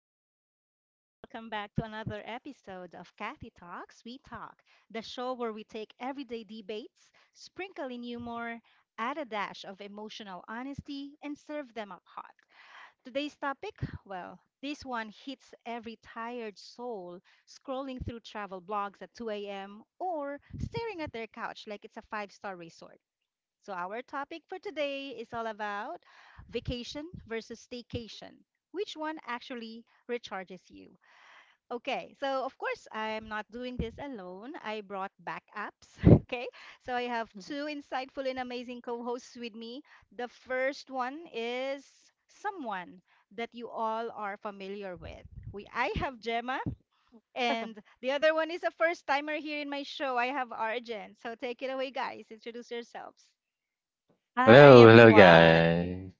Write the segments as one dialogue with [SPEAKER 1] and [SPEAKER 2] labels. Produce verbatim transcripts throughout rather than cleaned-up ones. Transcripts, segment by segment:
[SPEAKER 1] hello, hello, everyone. Welcome back to another episode of Kathy Talks. We Talk, the show where we take everyday debates, sprinkle in humor, add a dash of emotional honesty, and serve them up hot. Today's topic, well, this one hits every tired soul scrolling through travel blogs at two a m or staring at their couch like it's a five star resort. So, our topic for today is all about vacation versus staycation. Which one actually recharges you? Okay, so of course, I'm not doing this alone. I brought backups. Okay, so I have two insightful and amazing co hosts with me. The first one is someone that you all are familiar with. We, I have Gemma, and the other one is a first timer here in my show. I have Arjen. So take it away, guys. Introduce yourselves
[SPEAKER 2] Hi,
[SPEAKER 3] Hello, hello,
[SPEAKER 2] everyone.
[SPEAKER 3] guys.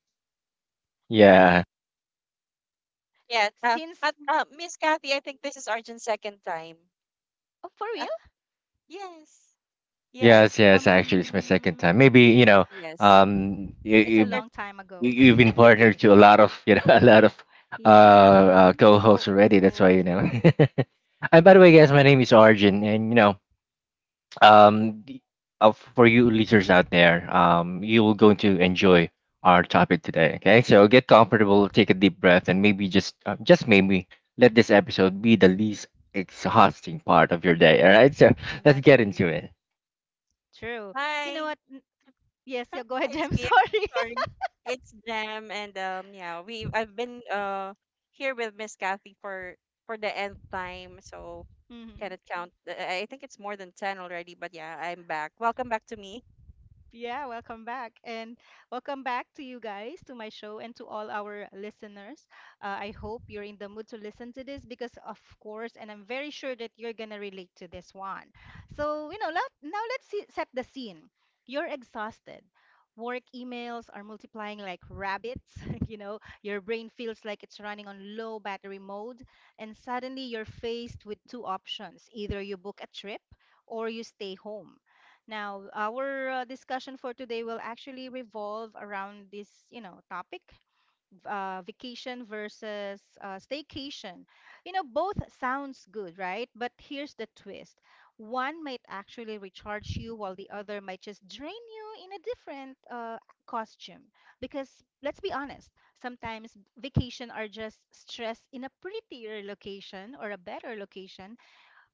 [SPEAKER 3] Yeah,
[SPEAKER 2] Yes, uh,
[SPEAKER 1] since.
[SPEAKER 2] at, uh, Miss Kathy, I think this is Arjun's second time.
[SPEAKER 1] Oh, for
[SPEAKER 2] Uh,
[SPEAKER 1] real?
[SPEAKER 2] yes, yes,
[SPEAKER 3] yes, yes. Actually, it's my
[SPEAKER 2] mhm,
[SPEAKER 3] second time. Maybe you
[SPEAKER 1] Um,
[SPEAKER 3] know,
[SPEAKER 2] yes.
[SPEAKER 3] um, you
[SPEAKER 1] it's a
[SPEAKER 2] We're,
[SPEAKER 3] you
[SPEAKER 1] long time
[SPEAKER 3] you-
[SPEAKER 1] ago.
[SPEAKER 3] you've been partnered to a lot of you know a lot of uh,
[SPEAKER 1] Yeah.
[SPEAKER 3] uh co-hosts
[SPEAKER 1] Oh,
[SPEAKER 3] already. That's why
[SPEAKER 1] cool.
[SPEAKER 3] you know. And by the way, guys, my name is Arjun, and you know, um the- uh, for you listeners out there, um you will going to enjoy our topic today. Okay, so get comfortable, take a deep breath, and maybe just uh, just maybe let this episode be the least exhausting part of your day. All right, so let's get into
[SPEAKER 1] Exactly.
[SPEAKER 3] it.
[SPEAKER 1] True. You know
[SPEAKER 2] hi,
[SPEAKER 1] what? N- Yes, yeah, go
[SPEAKER 2] Hi,
[SPEAKER 1] ahead,
[SPEAKER 2] it's
[SPEAKER 1] Jem.
[SPEAKER 2] me.
[SPEAKER 1] Sorry.
[SPEAKER 2] Sorry, it's Jam. And um, yeah, we I've been uh here with Miss Kathy for for the nth time, so I
[SPEAKER 1] Hmm.
[SPEAKER 2] cannot count. Uh, I think it's more than ten already. But yeah, I'm back. Welcome back to me.
[SPEAKER 1] Yeah, welcome back. And welcome back to you guys, to my show, and to all our listeners. Uh, I hope you're in the mood to listen to this because, of course, and I'm very sure that you're going to relate to this one. So, you know, let, now let's see, set the scene. You're exhausted. Work emails are multiplying like rabbits. You know, your brain feels like it's running on low battery mode. And suddenly you're faced with two options, either you book a trip or you stay home. Now, our uh, discussion for today will actually revolve around this, you know, topic, v- uh, vacation versus uh, staycation. You know, both sounds good, right? But here's the twist. One might actually recharge you while the other might just drain you in a different uh, costume. Because let's be honest, sometimes vacation are just stress in a prettier location or a better location.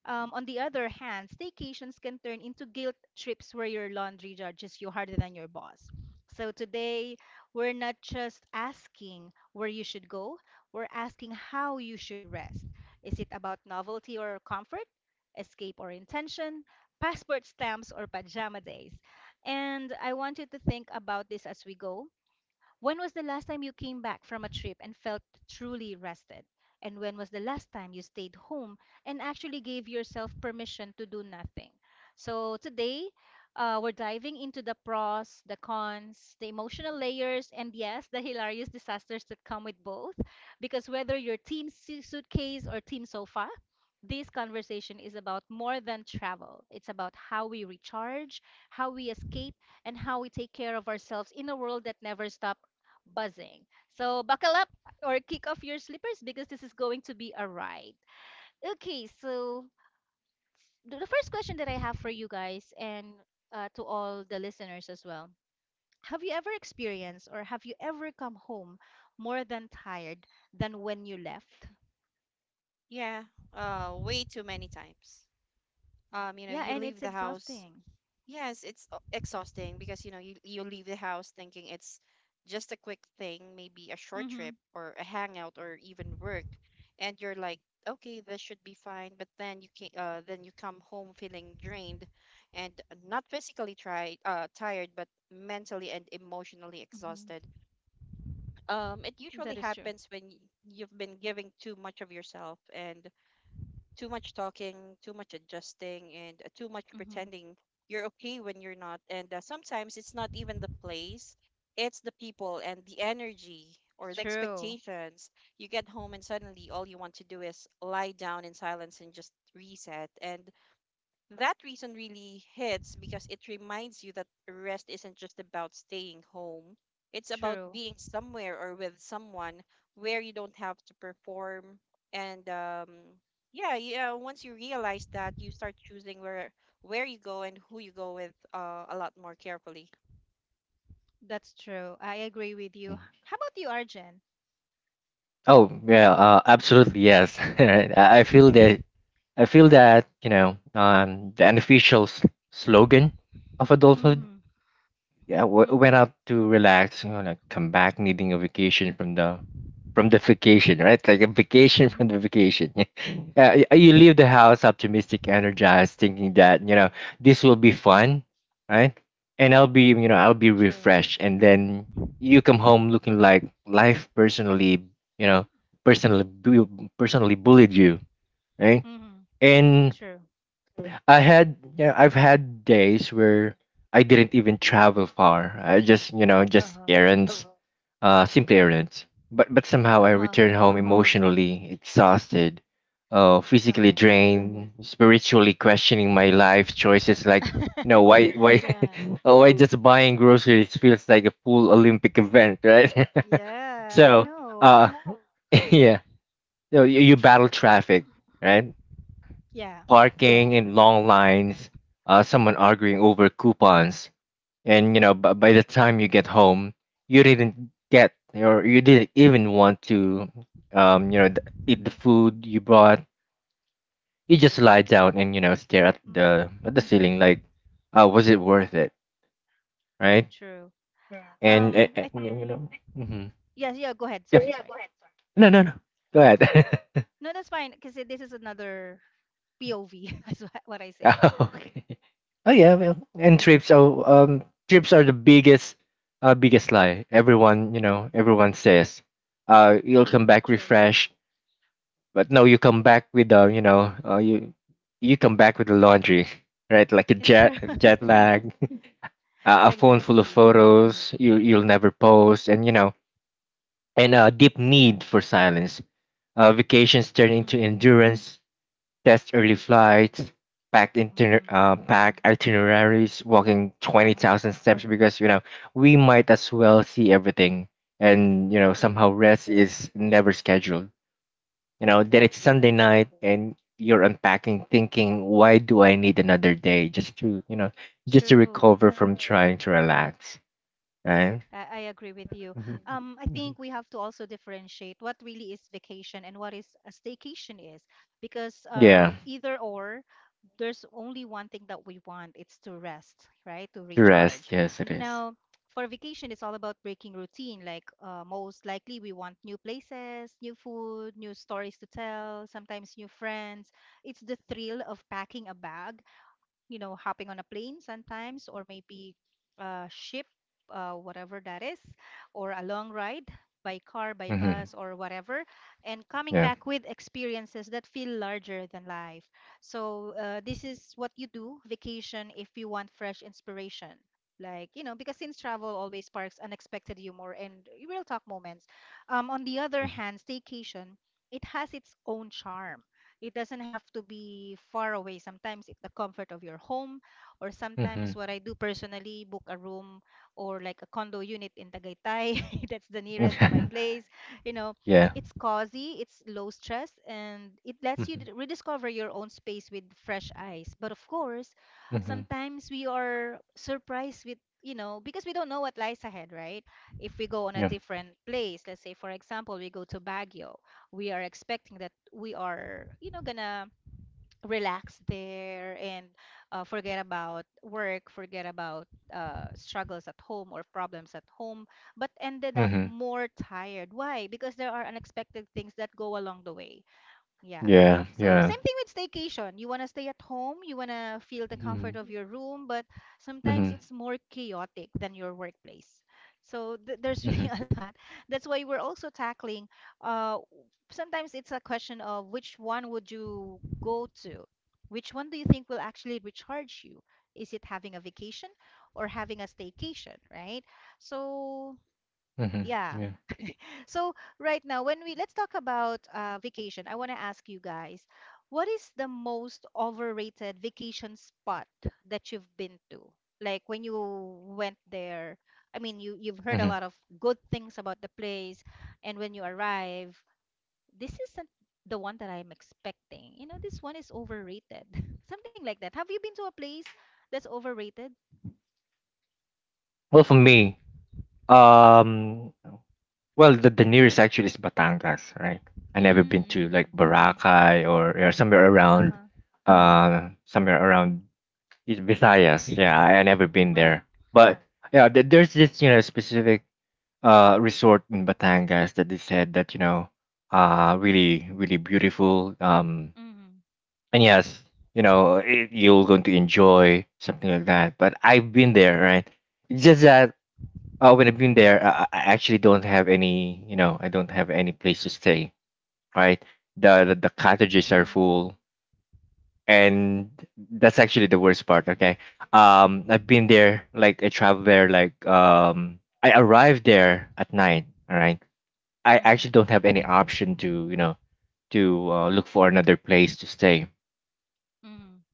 [SPEAKER 1] Um, on the other hand, staycations can turn into guilt trips where your laundry judges you harder than your boss. So today, we're not just asking where you should go, we're asking how you should rest. Is it about novelty or comfort, escape or intention, passport stamps or pajama days? And I want you to think about this as we go. When was the last time you came back from a trip and felt truly rested? And when was the last time you stayed home and actually gave yourself permission to do nothing? So today, uh, we're diving into the pros, the cons, the emotional layers, and yes, the hilarious disasters that come with both. Because whether you're team su- suitcase or team sofa, this conversation is about more than travel. It's about how we recharge, how we escape, and how we take care of ourselves in a world that never stops buzzing. So buckle up or kick off your slippers because this is going to be a ride. Okay, so the the first question that I have for you guys and uh, to all the listeners as well. Have you ever experienced or have you ever come home more than tired than when you left?
[SPEAKER 2] Yeah, uh, way too many times. Um, you know,
[SPEAKER 1] Yeah,
[SPEAKER 2] you
[SPEAKER 1] and
[SPEAKER 2] leave
[SPEAKER 1] it's
[SPEAKER 2] the house.
[SPEAKER 1] exhausting.
[SPEAKER 2] Yes, it's uh, exhausting because you know you you leave the house thinking it's just a quick thing, maybe a short
[SPEAKER 1] Mm-hmm.
[SPEAKER 2] trip or a hangout or even work, and you're like, okay, this should be fine. But then you can uh then you come home feeling drained, and not physically tried uh tired, but mentally and emotionally
[SPEAKER 1] Mm-hmm.
[SPEAKER 2] exhausted. Um, it usually
[SPEAKER 1] That is true.
[SPEAKER 2] happens when y- you've been giving too much of yourself, and too much talking, too much adjusting, and uh, too much
[SPEAKER 1] Mm-hmm.
[SPEAKER 2] pretending you're okay when you're not. And uh, sometimes it's not even the place, it's the people and the energy or the
[SPEAKER 1] True.
[SPEAKER 2] expectations. You get home, and suddenly all you want to do is lie down in silence and just reset. And that reason really hits because it reminds you that rest isn't just about staying home. It's about
[SPEAKER 1] True.
[SPEAKER 2] being somewhere or with someone where you don't have to perform. And um, yeah, yeah. Once you realize that, you start choosing where where you go and who you go with, uh, a lot more carefully.
[SPEAKER 1] That's true. I agree with you.
[SPEAKER 3] Mhm.
[SPEAKER 1] How about you, Arjen?
[SPEAKER 3] Oh yeah, uh, absolutely yes. Right. I, I feel that i feel that you know, um the unofficial s- slogan of adulthood.
[SPEAKER 1] Mm-hmm.
[SPEAKER 3] Yeah, w- went
[SPEAKER 1] Mm-hmm.
[SPEAKER 3] out to relax, you know, like come back needing a vacation from the from the vacation, right? Like a vacation
[SPEAKER 1] Mm-hmm.
[SPEAKER 3] from the vacation. Yeah, y- you leave the house optimistic, energized, thinking that you know this will be fun, right? And I'll be, you know, I'll be
[SPEAKER 1] True.
[SPEAKER 3] refreshed, and then you come home looking like life personally, you know, personally bu- personally bullied you, right?
[SPEAKER 1] Mm-hmm.
[SPEAKER 3] And
[SPEAKER 1] True.
[SPEAKER 3] I had yeah, I've had days where I didn't even travel far. I just, you know, just
[SPEAKER 1] Uh-huh.
[SPEAKER 3] errands, uh, simple errands. But but somehow I
[SPEAKER 1] Uh-huh.
[SPEAKER 3] return home emotionally exhausted, uh,
[SPEAKER 1] Uh-huh.
[SPEAKER 3] physically drained, spiritually questioning my life choices. Like, you know why why
[SPEAKER 1] Yeah.
[SPEAKER 3] oh, why just buying groceries feels like a full Olympic event, right?
[SPEAKER 1] Yeah, I
[SPEAKER 3] so
[SPEAKER 1] know.
[SPEAKER 3] uh yeah, so you, you battle traffic, right?
[SPEAKER 1] Yeah.
[SPEAKER 3] Parking in long lines, uh, someone arguing over coupons, and you know, b- by the time you get home, you didn't get or you didn't even want to, um, you know, th- eat the food you bought. You just lie down and, you know, stare at the
[SPEAKER 1] Mm-hmm.
[SPEAKER 3] at the ceiling like, uh, was it worth it, right?
[SPEAKER 1] True.
[SPEAKER 3] And, and,
[SPEAKER 1] Um,
[SPEAKER 3] and
[SPEAKER 1] I
[SPEAKER 3] you know, hmm.
[SPEAKER 1] yeah, yeah, go ahead.
[SPEAKER 3] Yeah.
[SPEAKER 1] Sorry, sorry.
[SPEAKER 3] No, no, no. Go ahead.
[SPEAKER 1] No, that's fine because this is another P O V. That's what what I say.
[SPEAKER 3] Okay. Oh yeah, well, and trips are um trips are the biggest uh biggest lie. Everyone, you know, everyone says, uh, you'll come back
[SPEAKER 1] True.
[SPEAKER 3] refreshed, but no, you come back with uh, you know, uh, you you come back with the laundry, right? Like a
[SPEAKER 1] It's true.
[SPEAKER 3] jet jet lag, uh, a phone full of
[SPEAKER 1] Exactly.
[SPEAKER 3] photos you you'll never post, and you know, and a deep need for silence. Uh, vacations turn into
[SPEAKER 1] Mm.
[SPEAKER 3] endurance. Test early flights, pack intiner-
[SPEAKER 1] Mm-mm.
[SPEAKER 3] uh, pack itineraries, walking twenty
[SPEAKER 1] Oh,
[SPEAKER 3] thousand steps because, you know, we might as well see everything, and you know,
[SPEAKER 1] true.
[SPEAKER 3] somehow rest is never scheduled. You know, then it's
[SPEAKER 1] Exactly.
[SPEAKER 3] Sunday night and you're unpacking, thinking, why do I need another day just to, you know, just to
[SPEAKER 1] True.
[SPEAKER 3] recover from trying to relax, right?
[SPEAKER 1] I I agree with you.
[SPEAKER 3] Mhm.
[SPEAKER 1] Um, I
[SPEAKER 3] Mhm.
[SPEAKER 1] think we have to also differentiate what really is vacation and what is a staycation is, because uh,
[SPEAKER 3] Yeah,
[SPEAKER 1] either or, there's only one thing that we want. It's to rest, right? To
[SPEAKER 3] to
[SPEAKER 1] recharge.
[SPEAKER 3] rest. Yes, it is.
[SPEAKER 1] Now, for vacation, it's all about breaking routine. Like uh, most likely, we want new places, new food, new stories to tell, sometimes new friends. It's the thrill of packing a bag, you know, hopping on a plane sometimes, or maybe a ship, uh, whatever that is, or a long ride by car, by
[SPEAKER 3] Mm-hmm.
[SPEAKER 1] bus, or whatever, and coming
[SPEAKER 3] Yeah.
[SPEAKER 1] back with experiences that feel larger than life. So, uh, this is what you do vacation if you want fresh inspiration. Like, you know, because since travel always sparks unexpected humor and real talk moments. Um, on the other hand, staycation, it has its own charm. It doesn't have to be far away. Sometimes it's the comfort of your home, or
[SPEAKER 3] Mm-hmm.
[SPEAKER 1] sometimes what I do personally, book a room or like a condo unit in Tagaytay. That's the nearest to my place. You know,
[SPEAKER 3] Yeah.
[SPEAKER 1] it's cozy, it's low stress, and it lets you d- rediscover your own space with fresh eyes. But of course,
[SPEAKER 3] Mm-hmm.
[SPEAKER 1] sometimes we are surprised with, you know, because we don't know what lies ahead, right? If we go on a
[SPEAKER 3] Yeah.
[SPEAKER 1] different place, let's say for example we go to Baguio, we are expecting that we are, you know, gonna relax there and uh, forget about work, forget about uh, struggles at home or problems at home, but ended up
[SPEAKER 3] Hmm.
[SPEAKER 1] more tired. Why? Because there are unexpected things that go along the way. Yeah.
[SPEAKER 3] Yeah.
[SPEAKER 1] So
[SPEAKER 3] Yeah.
[SPEAKER 1] same thing with staycation. You want to stay at home, you want to feel the comfort of
[SPEAKER 3] Hmm.
[SPEAKER 1] your room, but sometimes
[SPEAKER 3] Hmm.
[SPEAKER 1] it's more chaotic than your workplace. So th there's really
[SPEAKER 3] Hmm.
[SPEAKER 1] a lot. That's why we're also tackling uh w- sometimes it's a question of which one would you go to? Which one do you think will actually recharge you? Is it having a vacation or having a staycation, right? So
[SPEAKER 3] Hmm.
[SPEAKER 1] yeah,
[SPEAKER 3] Yeah.
[SPEAKER 1] so right now, when we let's talk about uh, vacation, I want to ask you guys, what is the most overrated vacation spot that you've been to? Like when you went there, I mean, you you've heard a
[SPEAKER 3] Hmm.
[SPEAKER 1] lot of good things about the place, and when you arrive, this isn't the one that I'm expecting. You know, this one is overrated. Something like that. Have you been to a place that's overrated?
[SPEAKER 3] Well, for me, um, well, the, the nearest actually is Batangas, right? I never been to
[SPEAKER 1] Mm-hmm.
[SPEAKER 3] like Boracay or, or somewhere around,
[SPEAKER 1] Uh-huh.
[SPEAKER 3] uh, somewhere around is Visayas. Yeah, I, I never been
[SPEAKER 1] Right.
[SPEAKER 3] there, but yeah, there- there's this, you know, specific uh resort in Batangas that they said that, you know, uh, really really beautiful, um
[SPEAKER 1] Mm-hmm.
[SPEAKER 3] and yes, you know, it, you're going to enjoy something like that, but I've been there, right? It's just that, uh, when I've been there, I, I actually don't have any, you know I don't have any place to stay, right? The the, the cottages are
[SPEAKER 1] Mm-hmm.
[SPEAKER 3] full, and that's actually the worst part. Okay, um I've been there, like I traveled there like, um I arrived there at night. All right, I actually
[SPEAKER 1] Mm-hmm.
[SPEAKER 3] don't have any option to, you know, to uh, look for another place to stay.
[SPEAKER 1] Mm-hmm.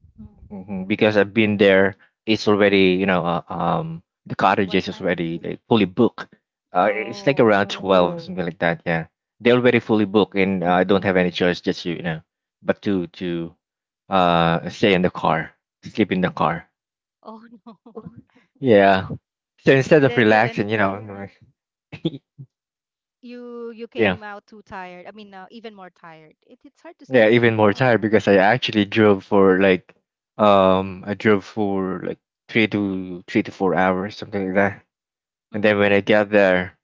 [SPEAKER 3] Mhm. Because I've been there, it's already, you know, uh, um the
[SPEAKER 1] What
[SPEAKER 3] cottages is
[SPEAKER 1] time?
[SPEAKER 3] already like fully booked. Uh, it's like around
[SPEAKER 1] Oh.
[SPEAKER 3] twelve something like that. Yeah, they're already fully booked,
[SPEAKER 1] Mhm.
[SPEAKER 3] and uh, I don't have any choice just to, you know, but to to uh stay in the car, sleep in the car.
[SPEAKER 1] Oh, no.
[SPEAKER 3] Yeah. So instead of
[SPEAKER 1] Then you and
[SPEAKER 3] relaxing, you know, I'm like—
[SPEAKER 1] you you
[SPEAKER 3] yeah,
[SPEAKER 1] came out too tired. I mean, uh, even more tired. It, it's hard to
[SPEAKER 3] yeah,
[SPEAKER 1] sleep in the
[SPEAKER 3] even more tired
[SPEAKER 1] car.
[SPEAKER 3] because I actually drove for like, um I drove for like three to three to four hours something like that. And then
[SPEAKER 1] Mhm.
[SPEAKER 3] when I got there,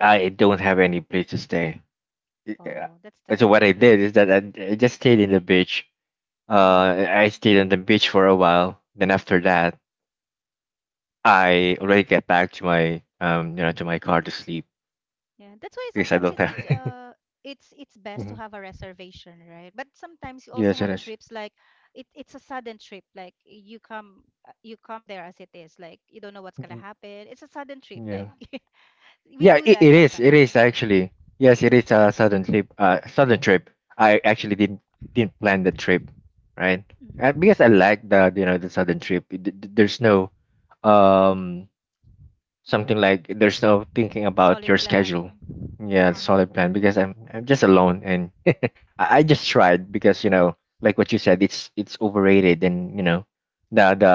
[SPEAKER 3] I don't have any place to stay. Yeah.
[SPEAKER 1] Oh, that's
[SPEAKER 3] So what I
[SPEAKER 1] terrible.
[SPEAKER 3] did is that I, I just stayed in the beach.
[SPEAKER 1] Mhm.
[SPEAKER 3] Uh, I stayed on the beach for a while. Then after that, I already get back to my, um, you know, to my car to sleep
[SPEAKER 1] Yeah, that's why
[SPEAKER 3] because I
[SPEAKER 1] sometimes
[SPEAKER 3] don't
[SPEAKER 1] it's it's
[SPEAKER 3] have.
[SPEAKER 1] uh it's it's best to
[SPEAKER 3] Mhm.
[SPEAKER 1] have a reservation, right? But sometimes you also
[SPEAKER 3] Yes, it
[SPEAKER 1] have
[SPEAKER 3] is.
[SPEAKER 1] trips like it it's a sudden trip. Like you come uh, you come there as it is. Like you don't know what's gonna
[SPEAKER 3] Mhm.
[SPEAKER 1] happen. It's a sudden trip. Like
[SPEAKER 3] Yeah.
[SPEAKER 1] we
[SPEAKER 3] Yeah,
[SPEAKER 1] do
[SPEAKER 3] it,
[SPEAKER 1] that
[SPEAKER 3] it is. It
[SPEAKER 1] sometimes.
[SPEAKER 3] is actually. Yes, it is a sudden trip. Uh, sudden trip. I actually didn't didn't plan the trip, right? Uh,
[SPEAKER 1] Mhm.
[SPEAKER 3] because I like the, you know, the sudden trip. It- th- th- there's no, um something like there's no thinking about
[SPEAKER 1] Solid
[SPEAKER 3] your schedule.
[SPEAKER 1] plan.
[SPEAKER 3] Yeah,
[SPEAKER 1] Uh-huh.
[SPEAKER 3] solid plan because i'm i'm just alone and I, I just tried because, you know, like what you said, it's it's overrated, and you know, the the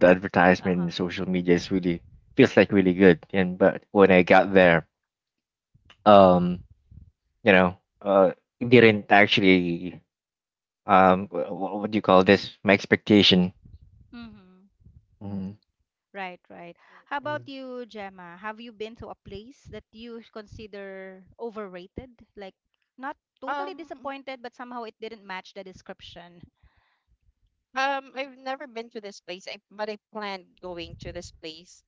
[SPEAKER 3] the advertisement in
[SPEAKER 1] Uh-huh.
[SPEAKER 3] social media is really feels like really good, and but when I got there, um you know, uh it didn't actually, um wh- wh- what do you call this, my expectation.
[SPEAKER 1] Mm-hmm.
[SPEAKER 3] Mhm.
[SPEAKER 1] Right, right. How about you, Gemma? Have you been to a place that you consider overrated? Like not totally
[SPEAKER 2] Um,
[SPEAKER 1] disappointed, but somehow it didn't match the description.
[SPEAKER 2] Um, I've never been to this place, I, but I planned going to this place.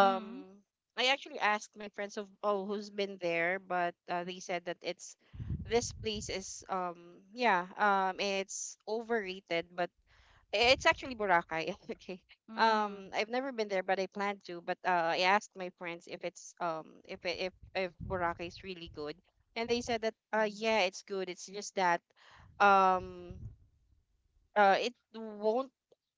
[SPEAKER 1] Mm-hmm.
[SPEAKER 2] I actually asked my friends of, oh, who's been there, but uh, they said that it's this place is um yeah um it's overrated, but it's actually Boracay. Okay.
[SPEAKER 1] Mm-hmm.
[SPEAKER 2] Um, I've never been there, but I plan to. But uh, I asked my friends if it's um if it- if if Boracay is really good, and they said that, uh
[SPEAKER 1] Mm.
[SPEAKER 2] yeah, it's good. It's just that um uh it won't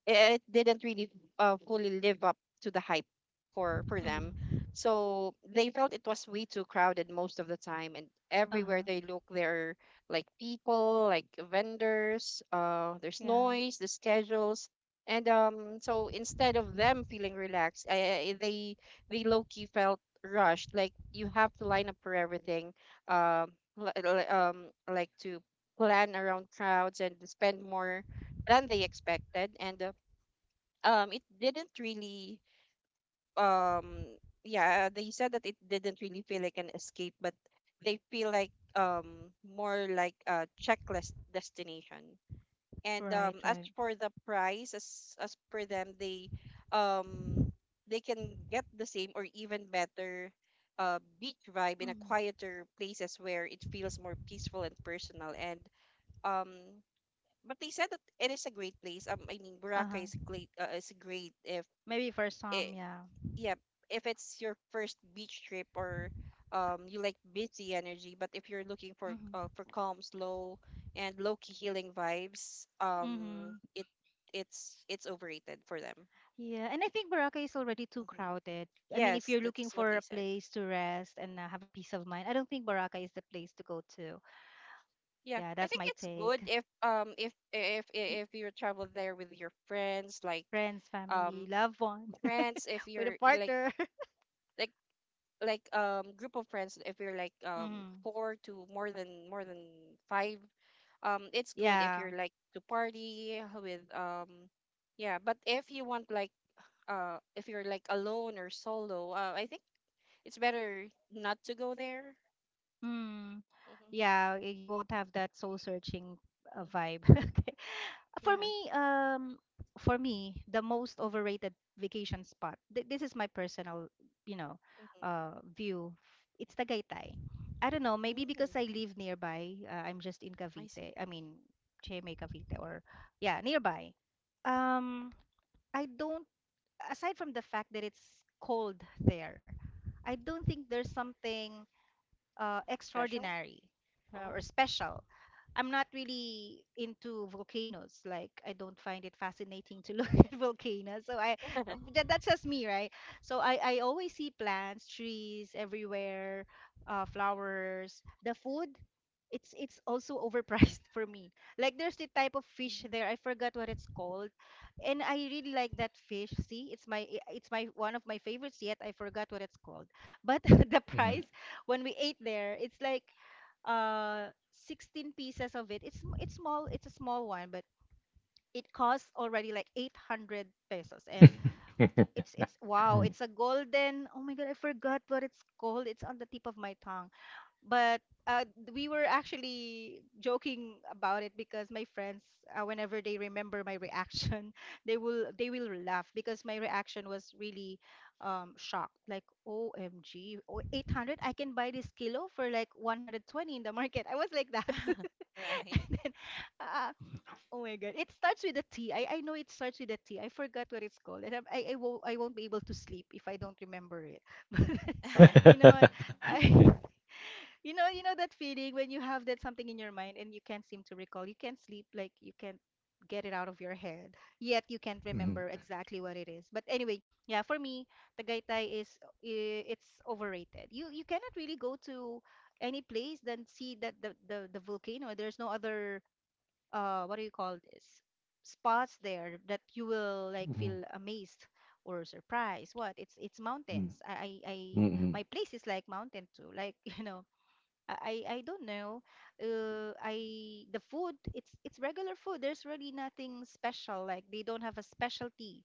[SPEAKER 2] it didn't really uh, fully live up to the hype for for them,
[SPEAKER 1] Mm-hmm.
[SPEAKER 2] so they felt it was way too crowded most of the time, and everywhere
[SPEAKER 1] Uh-huh.
[SPEAKER 2] they look there are, like, people, like vendors, uh there's
[SPEAKER 1] Yeah.
[SPEAKER 2] noise, the schedules, and um so instead of them feeling relaxed, I, I- they they low-key felt rushed, like you have to line up for everything, um li- li- um like to plan around crowds and spend more than they expected, and uh, um it didn't really um yeah, they said that it didn't really feel like an escape, but they feel like, um more like a checklist destination. And
[SPEAKER 1] Right,
[SPEAKER 2] um as
[SPEAKER 1] right.
[SPEAKER 2] for the price, as as per them, they um they can get the same or even better uh beach vibe in a
[SPEAKER 1] Mm-hmm.
[SPEAKER 2] quieter places where it feels more peaceful and personal, and um but they said that it is a great place. um I mean, Boracay is
[SPEAKER 1] Uh-huh.
[SPEAKER 2] great, uh, is great if
[SPEAKER 1] Maybe for some,
[SPEAKER 2] i-
[SPEAKER 1] yeah.
[SPEAKER 2] yeah, if it's your first beach trip, or um, you like busy energy, but if you're looking for, uh, for
[SPEAKER 1] Mm-hmm.
[SPEAKER 2] calm, slow, and low key healing vibes, um,
[SPEAKER 1] Mm-hmm.
[SPEAKER 2] it it's it's overrated for them.
[SPEAKER 1] Yeah, and I think Boracay is already too
[SPEAKER 2] Mhm.
[SPEAKER 1] crowded. I mean, if
[SPEAKER 2] Yes,
[SPEAKER 1] you're looking
[SPEAKER 2] that's what
[SPEAKER 1] for
[SPEAKER 2] they
[SPEAKER 1] a
[SPEAKER 2] said.
[SPEAKER 1] place to rest and uh, have a peace of mind, I don't think Boracay is the place to go to.
[SPEAKER 2] Yeah,
[SPEAKER 1] Yeah,
[SPEAKER 2] I
[SPEAKER 1] that's
[SPEAKER 2] think
[SPEAKER 1] my
[SPEAKER 2] it's good
[SPEAKER 1] take.
[SPEAKER 2] if um if if i-
[SPEAKER 1] Y-
[SPEAKER 2] if you travel there with your friends, like,
[SPEAKER 1] Friends, family,
[SPEAKER 2] um
[SPEAKER 1] loved one.
[SPEAKER 2] friends, if
[SPEAKER 1] with a
[SPEAKER 2] you're you like
[SPEAKER 1] partner.
[SPEAKER 2] like like um group of friends, if you're, like, um
[SPEAKER 1] Mm-hmm.
[SPEAKER 2] four to more than more than five, um it's good if
[SPEAKER 1] Yeah.
[SPEAKER 2] you're like to party with, um yeah, but if you want, like, uh if you're like alone or solo, uh, I think it's better not to go there.
[SPEAKER 1] Mm.
[SPEAKER 2] Mm-hmm.
[SPEAKER 1] Yeah, y- you won't have that soul searching uh,
[SPEAKER 2] Hmm.
[SPEAKER 1] vibe. Okay. For
[SPEAKER 2] Yeah.
[SPEAKER 1] me, um, for me, the most overrated vacation spot. Th This is my personal, you know,
[SPEAKER 2] Mm-hmm.
[SPEAKER 1] uh, view. It's Tagaytay. I don't know, maybe
[SPEAKER 2] Mm.
[SPEAKER 1] because I live nearby. Uh, I'm just in
[SPEAKER 2] I see.
[SPEAKER 1] Cavite. I mean, Cheme, Cavite, or yeah, nearby. Um, I don't, aside from the fact that it's cold there, I don't think there's something uh,
[SPEAKER 2] Special.
[SPEAKER 1] extraordinary uh, or
[SPEAKER 2] Oh.
[SPEAKER 1] special. I'm not really into volcanoes. Like I don't find it fascinating to look at volcanoes. So I, that, that's just me, right? So I I always see plants, trees everywhere, uh, flowers. The food, it's it's also overpriced for me. Like there's the type of fish
[SPEAKER 2] Hmm.
[SPEAKER 1] there. I forgot what it's called, and I really like that fish. See, it's my i- it's my one of my favorites. Yet I forgot what it's called. But the
[SPEAKER 3] Yeah.
[SPEAKER 1] price when we ate there, it's like uh sixteen pieces of it. It's it's small, it's a small one, but it costs already like eight hundred pesos and
[SPEAKER 3] Mhm.
[SPEAKER 1] it's it's wow, it's a golden. Oh my God, I forgot what it's called. It's on the tip of my tongue, but uh, we were actually joking about it because my friends, uh, whenever they remember my reaction they will they will laugh because my reaction was really um shocked, like O M G. Oh, eight hundred, I can buy this kilo for like one hundred twenty in the market. I was like that.
[SPEAKER 2] Right.
[SPEAKER 1] And then, uh, oh my god, it starts with a T. I, I know it starts with a T. I forgot what it's called, and I, I, I, won't, I won't be able to sleep if I don't remember it. But you know what I
[SPEAKER 3] Yeah.
[SPEAKER 1] you know, you know that feeling when you have that something in your mind and you can't seem to recall. You can't sleep, like you can't get it out of your head. Yet you can't
[SPEAKER 2] Mhm.
[SPEAKER 1] remember exactly what it is. But anyway, yeah, for me, Tagaytay is i- it's overrated. You you cannot really go to any place then see that the the, the volcano. There's no other, uh what do you call this, spots there that you will like
[SPEAKER 3] Mhm.
[SPEAKER 1] feel amazed or surprised. What? It's it's
[SPEAKER 3] Mm.
[SPEAKER 1] mountains. I I, I
[SPEAKER 3] Mm-mm.
[SPEAKER 1] my place is like mountain too. Like, you know, I I I don't know. Uh, I The food, it's it's regular food. There's really nothing special. Like, they don't have a specialty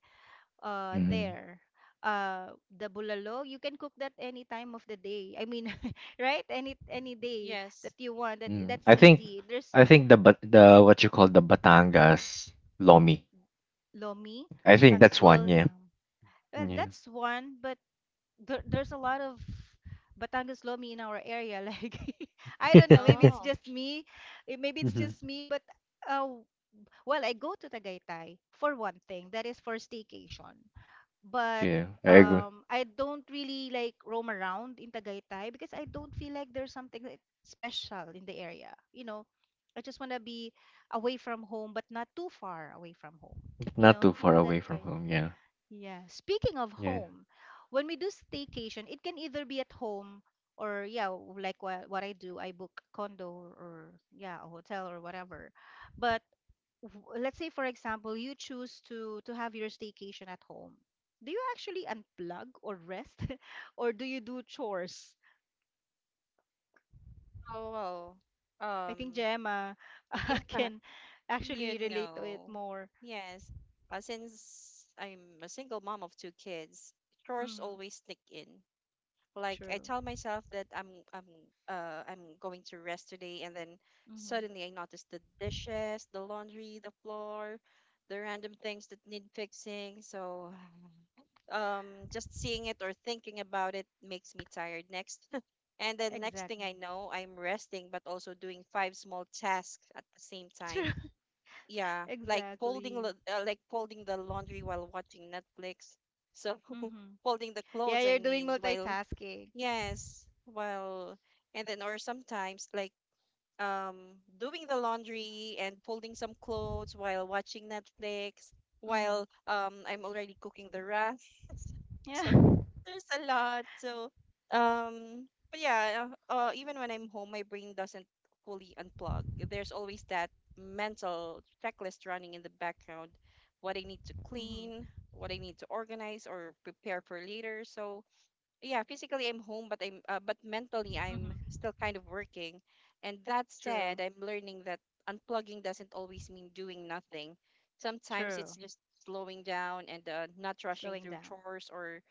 [SPEAKER 1] uh
[SPEAKER 3] Mm-mm.
[SPEAKER 1] there. Uh, the bulalo, you can cook that any time of the day. I mean, right? Any any day
[SPEAKER 2] Yes.
[SPEAKER 1] that you want. That
[SPEAKER 3] Mm.
[SPEAKER 1] that's
[SPEAKER 3] I think
[SPEAKER 1] easy. There's
[SPEAKER 3] I think the but the what you call the Batangas Lomi.
[SPEAKER 1] lomi.
[SPEAKER 3] I think
[SPEAKER 2] Batangas
[SPEAKER 3] that's
[SPEAKER 2] lang.
[SPEAKER 3] one,
[SPEAKER 1] Well,
[SPEAKER 3] yeah.
[SPEAKER 1] yeah. Well,
[SPEAKER 3] Yeah.
[SPEAKER 1] that's one, but there, there's a lot of Batangas lomi in our area. Like, I don't know. Maybe it's
[SPEAKER 2] Oh.
[SPEAKER 1] just me. eh, Maybe it's
[SPEAKER 3] Hmm.
[SPEAKER 1] just me, but uh, well, I go to Tagaytay for one thing, that is for staycation. But
[SPEAKER 3] Yeah, I agree.
[SPEAKER 1] um, I don't really like roam around in Tagaytay because I don't feel like there's something, like, special in the area. You know, I just want to be away from home, but not too far away from home. You
[SPEAKER 3] Not
[SPEAKER 1] know,
[SPEAKER 3] too
[SPEAKER 1] you
[SPEAKER 3] far
[SPEAKER 1] know that
[SPEAKER 3] away from
[SPEAKER 1] kind.
[SPEAKER 3] home, yeah.
[SPEAKER 1] Yeah. Speaking of
[SPEAKER 3] Yeah.
[SPEAKER 1] home, when we do staycation, it can either be at home or, yeah, like what what I do, I book condo or, yeah, a hotel or whatever. But w- let's say, for example, you choose to to have your staycation at home. Do you actually unplug or rest or do you do chores?
[SPEAKER 2] Oh, well.
[SPEAKER 1] I
[SPEAKER 2] um
[SPEAKER 1] think Gemma
[SPEAKER 2] yeah.
[SPEAKER 1] can
[SPEAKER 2] You
[SPEAKER 1] actually relate to it
[SPEAKER 2] know,
[SPEAKER 1] more.
[SPEAKER 2] yes. Uh, since I'm a single mom of two kids, chores
[SPEAKER 1] Mm.
[SPEAKER 2] always sneak in. Like, I
[SPEAKER 1] True.
[SPEAKER 2] tell myself that I'm I'm uh I'm going to rest today, and then
[SPEAKER 1] Mm-hmm.
[SPEAKER 2] suddenly I notice the dishes, the laundry, the floor, the random things that need fixing. So, um, just seeing it or thinking about it makes me tired next. And then next thing
[SPEAKER 1] Exactly.
[SPEAKER 2] I know, I'm resting, but also doing five small tasks at the same
[SPEAKER 1] True.
[SPEAKER 2] time. Yeah, like folding lo-
[SPEAKER 1] Exactly.
[SPEAKER 2] uh, like folding the laundry while watching Netflix. So,
[SPEAKER 1] Mm-hmm.
[SPEAKER 2] folding the
[SPEAKER 1] Yeah,
[SPEAKER 2] clothes, I
[SPEAKER 1] you're doing
[SPEAKER 2] mean, while
[SPEAKER 1] multitasking.
[SPEAKER 2] yes, well, and then, or sometimes, like, um doing the laundry and folding some clothes while watching Netflix,
[SPEAKER 1] Mm-hmm.
[SPEAKER 2] while um I'm already cooking the rice.
[SPEAKER 1] Yeah.
[SPEAKER 2] So there's a lot. So, um, but yeah, uh, uh, even when I'm home, my brain doesn't fully unplug. There's always that mental checklist running in the background, what I need to
[SPEAKER 1] Mm-hmm.
[SPEAKER 2] clean, what I need to organize or prepare for later. So, yeah, physically I'm home, but I'm uh, but mentally I'm
[SPEAKER 1] Mm-hmm.
[SPEAKER 2] still kind of working. And that
[SPEAKER 1] True.
[SPEAKER 2] said, I'm learning that unplugging doesn't always mean doing nothing. Sometimes
[SPEAKER 1] True.
[SPEAKER 2] it's just slowing down and, uh, not rushing
[SPEAKER 1] Slowing
[SPEAKER 2] through
[SPEAKER 1] down.
[SPEAKER 2] chores, or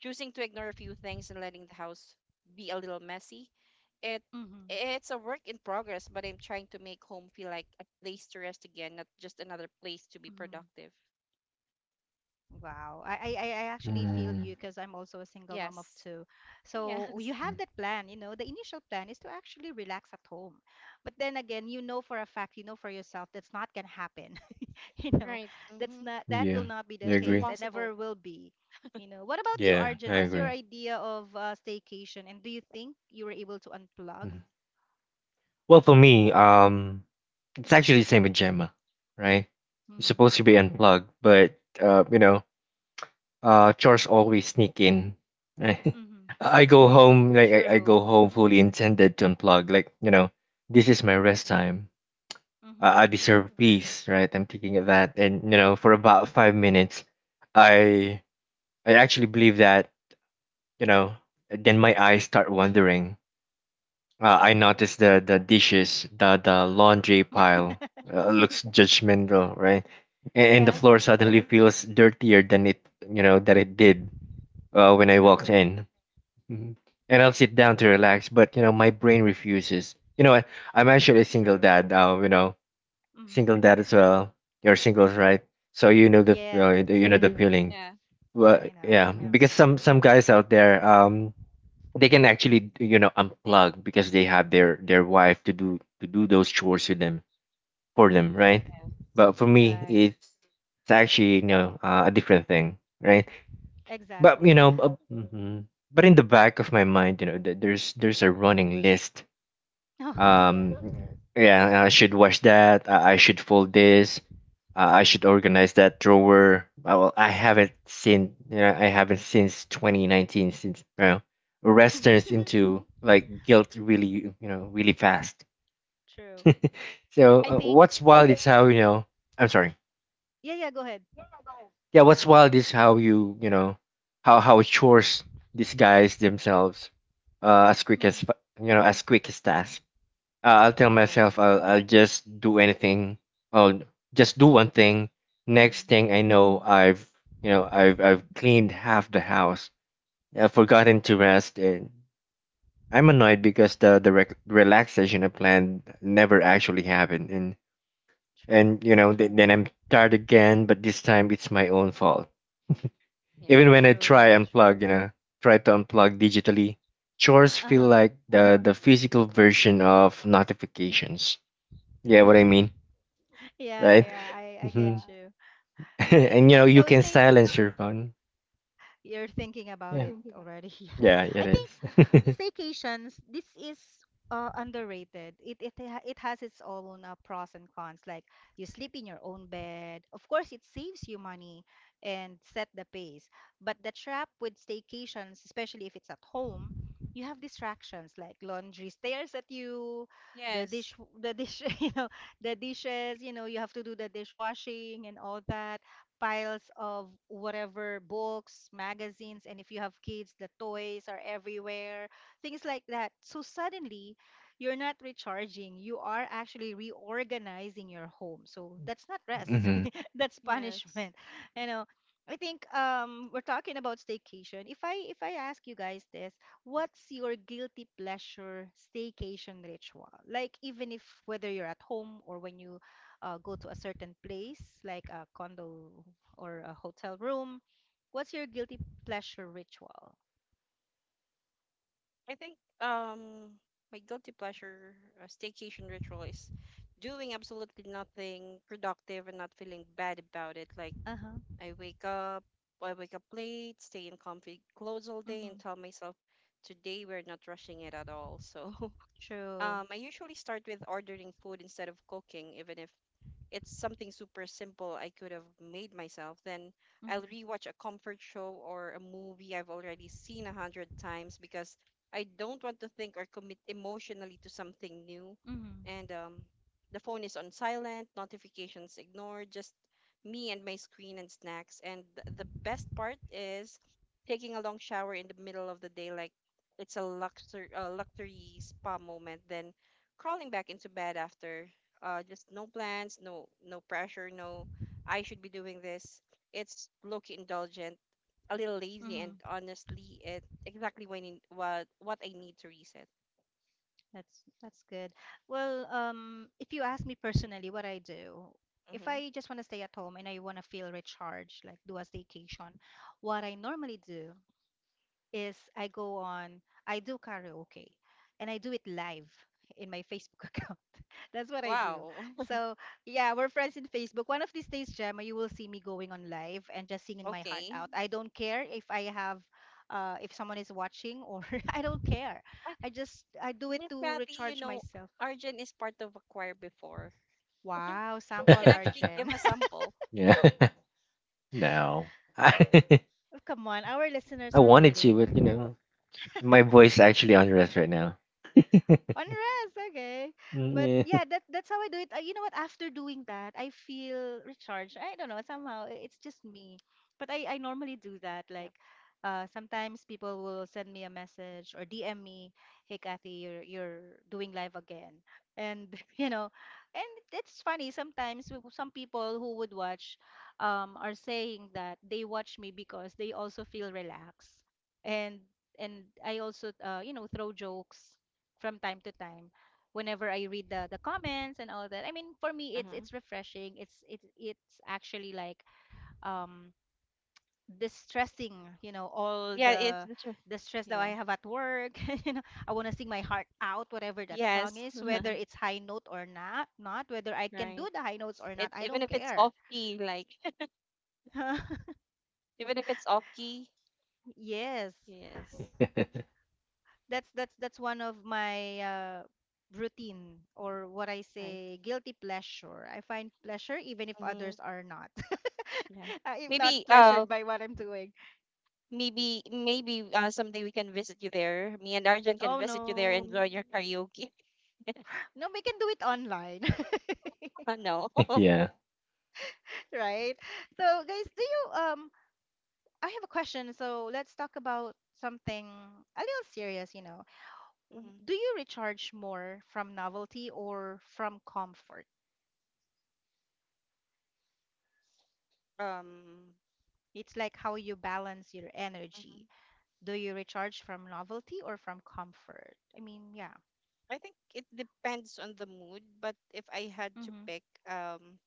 [SPEAKER 2] choosing to ignore a few things and letting the house be a little messy. It
[SPEAKER 1] Mm-hmm.
[SPEAKER 2] it's a work in progress, but I'm trying to make home feel like a place to rest again, not just another place to be
[SPEAKER 1] Mm-hmm.
[SPEAKER 2] productive.
[SPEAKER 1] Wow. I, I, I I actually feel
[SPEAKER 3] Mm.
[SPEAKER 1] you because I'm also a single mom of
[SPEAKER 2] Yes.
[SPEAKER 1] two.
[SPEAKER 2] Yes.
[SPEAKER 1] So you have
[SPEAKER 3] Mm.
[SPEAKER 1] that plan, you know, the initial plan is to actually relax at home. But then again, you know for a fact, you know for yourself, that's not gonna happen. You know,
[SPEAKER 2] Right.
[SPEAKER 1] that's
[SPEAKER 2] Mm-hmm.
[SPEAKER 1] not, that will
[SPEAKER 3] Yeah,
[SPEAKER 1] not be the
[SPEAKER 3] I
[SPEAKER 2] It's
[SPEAKER 1] case,
[SPEAKER 3] agree.
[SPEAKER 1] and
[SPEAKER 2] impossible.
[SPEAKER 1] never will be. You know, what about you,
[SPEAKER 3] Yeah,
[SPEAKER 1] Arjun?
[SPEAKER 3] I
[SPEAKER 1] What's your
[SPEAKER 3] agree.
[SPEAKER 1] idea of, uh, staycation? And do you think you were able to unplug?
[SPEAKER 3] Mhm. Well, for me, um, it's actually the same with Gemma, right? It's
[SPEAKER 1] Mm-hmm.
[SPEAKER 3] supposed to be unplugged, but uh, you know, uh, chores always sneak in. Right?
[SPEAKER 1] Mm-hmm.
[SPEAKER 3] I go home like, I, I go
[SPEAKER 1] True.
[SPEAKER 3] home fully intended to unplug, like, you know, this is my rest time.
[SPEAKER 1] Mm-hmm.
[SPEAKER 3] i, I deserve peace, right? I'm thinking of that, and you know, for about five minutes i i actually believe that, you know, then my eyes start wandering. Uh, I notice the the dishes, the the laundry pile,
[SPEAKER 1] Mm-hmm.
[SPEAKER 3] uh, looks judgmental, right? and, and the
[SPEAKER 1] Yeah,
[SPEAKER 3] floor suddenly feels dirtier than it, you know, that it did uh, when I walked
[SPEAKER 1] true.
[SPEAKER 3] in. Mhm. And I'll sit down to relax, but you know, my brain refuses. You know, I, I'm actually a single
[SPEAKER 1] True.
[SPEAKER 3] dad now. You know,
[SPEAKER 1] Mm-hmm.
[SPEAKER 3] single dad as well. You're singles, right? So you know the, uh,
[SPEAKER 1] Yes.
[SPEAKER 3] you know the feeling.
[SPEAKER 2] Yeah,
[SPEAKER 3] Well,
[SPEAKER 1] I know.
[SPEAKER 3] yeah,
[SPEAKER 1] Yeah.
[SPEAKER 3] because some some guys out there, um, they can actually, you know, unplug because they have their their wife to do to do those chores with them for them, right?
[SPEAKER 1] Mm-hmm.
[SPEAKER 2] yeah,
[SPEAKER 3] But for me,
[SPEAKER 1] Right.
[SPEAKER 3] it's it's actually, you know, uh, a different thing, right? But you
[SPEAKER 1] Exactly.
[SPEAKER 3] know, bu- mm-hmm. But in the back of my mind, you know, th- there's there's a running list.
[SPEAKER 1] Oh, yeah.
[SPEAKER 3] Um, yeah, I should wash that. I, I should fold this. Uh, I should
[SPEAKER 1] Mm-hmm.
[SPEAKER 3] organize that drawer. Uh, Well, I haven't seen, you know, I haven't since twenty nineteen, since, you know, rest turns into like guilt really, you know, really fast.
[SPEAKER 1] True.
[SPEAKER 3] So
[SPEAKER 1] I
[SPEAKER 3] uh,
[SPEAKER 1] think.
[SPEAKER 3] what's wild is how you know. I'm sorry.
[SPEAKER 1] Yeah. Yeah. Go ahead.
[SPEAKER 3] Yeah, what's wild is how you, you know, how how chores disguise themselves uh, as quick as fa-
[SPEAKER 1] Mm-hmm.
[SPEAKER 3] you know as quick as task. Uh, i'll tell
[SPEAKER 1] Oh
[SPEAKER 3] myself
[SPEAKER 1] yeah.
[SPEAKER 3] I'll, I'll just do anything. I'll just do one thing. Next
[SPEAKER 1] Mm-hmm.
[SPEAKER 3] thing i know, I've, you know, i've I've cleaned half the house, I've forgotten to rest, and I'm annoyed because the the rec- relaxation I planned never actually happened, and
[SPEAKER 1] True.
[SPEAKER 3] and you know, th- then I'm tired again, but this time it's my own fault.
[SPEAKER 2] yeah,
[SPEAKER 3] Even when I
[SPEAKER 1] True.
[SPEAKER 3] try
[SPEAKER 1] That is true.
[SPEAKER 3] unplug, you know, try to unplug digitally, chores
[SPEAKER 1] Uh
[SPEAKER 3] feel
[SPEAKER 1] huh.
[SPEAKER 3] like the the physical version of notifications. Yeah, what I mean,
[SPEAKER 1] Yeah.
[SPEAKER 3] right?
[SPEAKER 2] right.
[SPEAKER 1] Yeah. I I get
[SPEAKER 3] Hmm.
[SPEAKER 1] you. It's,
[SPEAKER 3] And you
[SPEAKER 1] uh,
[SPEAKER 3] know,
[SPEAKER 1] you
[SPEAKER 3] you
[SPEAKER 1] know.
[SPEAKER 3] can
[SPEAKER 1] Stay.
[SPEAKER 3] silence your phone.
[SPEAKER 1] You're thinking about
[SPEAKER 3] Yeah.
[SPEAKER 1] it already.
[SPEAKER 3] Yeah,
[SPEAKER 1] I
[SPEAKER 3] it.
[SPEAKER 1] think staycations, this is uh, underrated. It it ha- it has its own, uh, pros and cons. Like, you sleep in your own bed. Of course, it saves you money and set the pace. But the trap with staycations, especially if it's at home, you have distractions like laundry stares at you, the
[SPEAKER 2] Yes,
[SPEAKER 1] dish the dish you know, the dishes. You know, you have to do the dishwashing and all that. Piles of whatever books, magazines, and if you have kids, the toys are everywhere, things like that. So suddenly, you're not recharging. You are actually reorganizing your home. So that's not rest,
[SPEAKER 3] Mm-hmm.
[SPEAKER 1] that's punishment.
[SPEAKER 2] yes.
[SPEAKER 1] You know, I think, um we're talking about staycation. If I if I ask you guys this, what's your guilty pleasure staycation ritual? Like, even if whether you're at home or when you, uh, go to a certain place like a condo or a hotel room, what's your guilty pleasure ritual?
[SPEAKER 2] I think, um my guilty pleasure, uh, staycation ritual is doing absolutely nothing productive and not feeling bad about it. Like,
[SPEAKER 1] Uh-huh.
[SPEAKER 2] I wake up, I wake up late, stay in comfy clothes all day,
[SPEAKER 1] Mm-hmm.
[SPEAKER 2] and tell myself today we're not rushing it at all. So,
[SPEAKER 1] True.
[SPEAKER 2] um, I usually start with ordering food instead of cooking, even if it's something super simple I could have made myself, then I'll
[SPEAKER 1] Mhm.
[SPEAKER 2] rewatch a comfort show or a movie I've already seen a hundred times because I don't want to think or commit emotionally to something new.
[SPEAKER 1] Mhm.
[SPEAKER 2] And um, the phone is on silent, notifications ignored, just me and my screen and snacks. And th- the best part is taking a long shower in the middle of the day, like it's a luxury, uh, luxury spa moment, then crawling back into bed after, uh, just no plans, no no pressure, no I should be doing this. It's low-key indulgent, a little lazy, and
[SPEAKER 1] Mhm.
[SPEAKER 2] honestly, it exactly when in, what what I need to reset.
[SPEAKER 1] That's that's good. Well, um, if you ask me personally, what I do, if
[SPEAKER 2] Hmm.
[SPEAKER 1] I just want to stay at home and I want to feel recharged, like do a staycation, what I normally do is I go on, I do karaoke, and I do it live in my Facebook account. That's what I do.
[SPEAKER 2] Wow.
[SPEAKER 1] So yeah, we're friends in Facebook. One of these days, Gemma, you will see me going on live and just singing my heart
[SPEAKER 2] Okay.
[SPEAKER 1] out. I don't care if I have, uh, if someone is watching, or I don't care.
[SPEAKER 2] But
[SPEAKER 1] I just I do it
[SPEAKER 2] Miss
[SPEAKER 1] to
[SPEAKER 2] Kathy, you
[SPEAKER 1] recharge
[SPEAKER 2] know,
[SPEAKER 1] myself.
[SPEAKER 2] Arjun is part of a choir before.
[SPEAKER 1] Wow,
[SPEAKER 2] You
[SPEAKER 1] sample
[SPEAKER 2] can actually
[SPEAKER 1] Arjen.
[SPEAKER 2] give a sample.
[SPEAKER 3] Yeah. No. I,
[SPEAKER 1] Come on, our listeners
[SPEAKER 3] I
[SPEAKER 1] are
[SPEAKER 3] wanted to, but you
[SPEAKER 1] waiting.
[SPEAKER 3] know, my voice actually on rest right now.
[SPEAKER 1] On rest, okay. But
[SPEAKER 3] Yeah.
[SPEAKER 1] yeah, that that's how I do it. Uh, You know what? After doing that, I feel recharged. I don't know, somehow i- it's just me. But I I normally do that.
[SPEAKER 2] Yeah.
[SPEAKER 1] Like, uh, sometimes people will send me a message or D M me, "Hey Kathy, you're you're doing live again." And you know, and it's funny sometimes w- some people who would watch, um, are saying that they watch me because they also feel relaxed. And and I also, uh, you know, throw jokes from time to time whenever I read the the comments and all that. I mean, for me it's
[SPEAKER 2] Uh-huh.
[SPEAKER 1] it's refreshing. It's it it's actually like, um distressing, you know, all
[SPEAKER 2] Yeah, it's
[SPEAKER 1] the
[SPEAKER 2] the tr-
[SPEAKER 1] the stress that I
[SPEAKER 2] yeah.
[SPEAKER 1] have at work. You know, I want to sing my heart out whatever that song
[SPEAKER 2] Yes.
[SPEAKER 1] is, whether it's high note or not, not whether I can do
[SPEAKER 2] Right.
[SPEAKER 1] the high notes or not,
[SPEAKER 2] It
[SPEAKER 1] I
[SPEAKER 2] Even
[SPEAKER 1] don't
[SPEAKER 2] if it's
[SPEAKER 1] care.
[SPEAKER 2] off key, like, even if it's off key.
[SPEAKER 1] Yes.
[SPEAKER 2] Yes.
[SPEAKER 1] That's that's that's one of my, uh, routine or what I
[SPEAKER 2] Right.
[SPEAKER 1] say guilty pleasure. I find pleasure even if
[SPEAKER 2] Mm-hmm.
[SPEAKER 1] others are not.
[SPEAKER 2] Yeah.
[SPEAKER 1] Uh, if not
[SPEAKER 2] Maybe uh
[SPEAKER 1] pleasured by what I'm doing.
[SPEAKER 2] maybe Maybe uh someday we can visit you there. Me and Arjun can
[SPEAKER 1] Oh
[SPEAKER 2] visit you there
[SPEAKER 1] no.
[SPEAKER 2] and join your karaoke.
[SPEAKER 1] No, we can do it online.
[SPEAKER 2] Uh, no.
[SPEAKER 3] Yeah.
[SPEAKER 1] Right? So guys, do you um I have a question. So let's talk about something a little serious, you know. W-
[SPEAKER 2] Mhm.
[SPEAKER 1] Do you recharge more from novelty or from comfort?
[SPEAKER 2] Um,
[SPEAKER 1] It's like how you balance your
[SPEAKER 2] Mhm.
[SPEAKER 1] energy. Do you recharge from novelty or from comfort? I mean, yeah.
[SPEAKER 2] I think it depends on the mood, but if I had to
[SPEAKER 1] Mhm.
[SPEAKER 2] pick, um,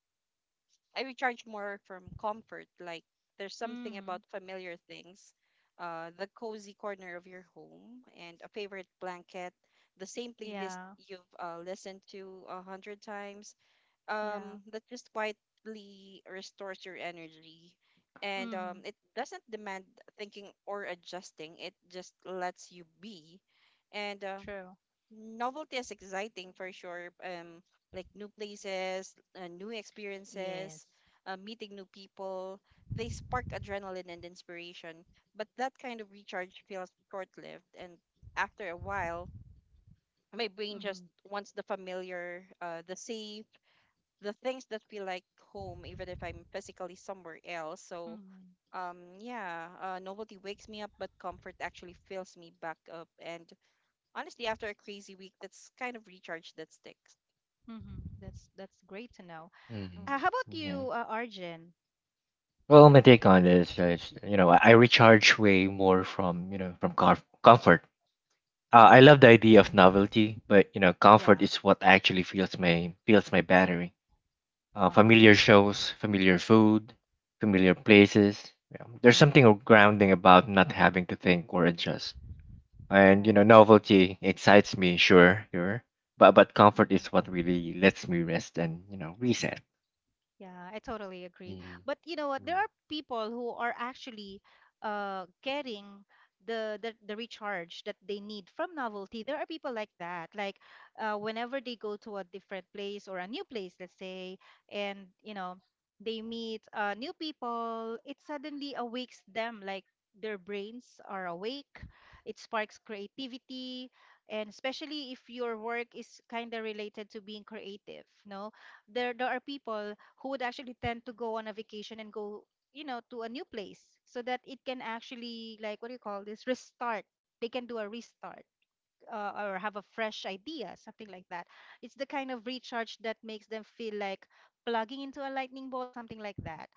[SPEAKER 2] I recharge more from comfort. Like, there's something about
[SPEAKER 1] Mhm.
[SPEAKER 2] familiar things, uh, the cozy corner of your home and a favorite blanket, the same playlist
[SPEAKER 1] Yeah.
[SPEAKER 2] you've uh, listened to a hundred times,
[SPEAKER 1] Yeah.
[SPEAKER 2] um that just quietly restores your energy, and um
[SPEAKER 1] Mhm.
[SPEAKER 2] it doesn't demand thinking or adjusting, it just lets you be. And um
[SPEAKER 1] True.
[SPEAKER 2] novelty is exciting for sure, um like new places, uh, new
[SPEAKER 1] Yes.
[SPEAKER 2] experiences, uh, meeting new people. They spark adrenaline and inspiration, but that kind of recharge feels short-lived, and after a while my brain just
[SPEAKER 1] Mhm.
[SPEAKER 2] wants the familiar, uh, the safe, the things that feel like home, even if I'm physically somewhere else. So,
[SPEAKER 1] Mhm.
[SPEAKER 2] um, yeah, uh, novelty wakes me up, but comfort actually fills me back up. And honestly, after a crazy week, that's kind of recharge that sticks.
[SPEAKER 1] Mhm. That's that's great to know.
[SPEAKER 3] Hmm.
[SPEAKER 1] Uh, how
[SPEAKER 2] Mm-hmm.
[SPEAKER 1] about you, uh, Arjun?
[SPEAKER 3] Well, my take on this is, you know, I recharge way more from, you know, from com- comfort. Uh, I
[SPEAKER 1] Mhm.
[SPEAKER 3] love the idea of novelty, but you know, comfort
[SPEAKER 1] Yeah.
[SPEAKER 3] is what actually feels my feels my battery. Uh,
[SPEAKER 1] Uh-huh.
[SPEAKER 3] familiar shows, familiar food, familiar places. You know, there's
[SPEAKER 1] Uh-huh.
[SPEAKER 3] something grounding about not having to think or adjust. And you
[SPEAKER 1] Right.
[SPEAKER 3] know, novelty excites me, sure, sure, but but comfort is
[SPEAKER 1] Mm-hmm.
[SPEAKER 3] what really lets me rest and, you know, reset.
[SPEAKER 1] Yeah, I totally agree.
[SPEAKER 3] Mm-hmm.
[SPEAKER 1] But you know what? There are people who are actually, uh, getting the, the the recharge that they need from novelty. There are people like that. Like, uh, whenever they go to a different place or a new place, let's say, and you know, they meet, uh, new people, it suddenly awakes them. Like, their brains are awake. It sparks creativity, and especially if your work is kind of related to being creative. No, there there are people who would actually tend to go on a vacation and go, you know, to a new place so that it can actually, like, what do you call this? Restart. They can do a restart, uh, or have a fresh idea, something like that. It's the kind of recharge that makes them feel like plugging into a lightning bolt, something like that.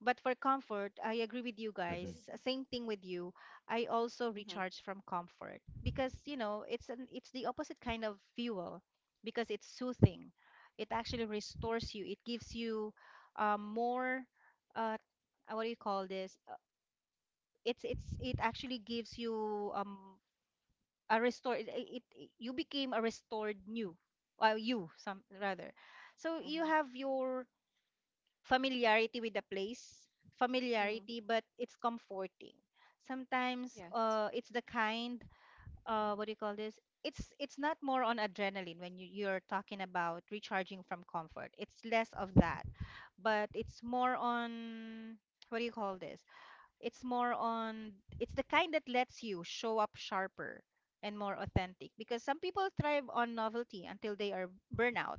[SPEAKER 1] But for comfort, I agree with you guys.
[SPEAKER 3] Mm-hmm.
[SPEAKER 1] Same thing with you. I also
[SPEAKER 2] Mm-hmm,
[SPEAKER 1] recharge from comfort because, you know, it's an it's the opposite kind of fuel because it's soothing. It actually restores you. It gives you, uh, more, uh, uh, what do you call this? Uh, It's it's it actually gives you, um a restored, it, it you became a restored new, uh, you, some, rather, so you
[SPEAKER 2] mm-hmm,
[SPEAKER 1] have your familiarity with the place,
[SPEAKER 2] mm-hmm.
[SPEAKER 1] familiarity but it's comforting sometimes,
[SPEAKER 2] Yes.
[SPEAKER 1] uh it's the kind, uh what do you call this? It's it's not more on adrenaline when you, you're talking about recharging from comfort, it's less of that. But it's more on, what do you call this, it's more on, it's the kind that lets you show up sharper and more authentic because some people thrive on novelty until they are burnout,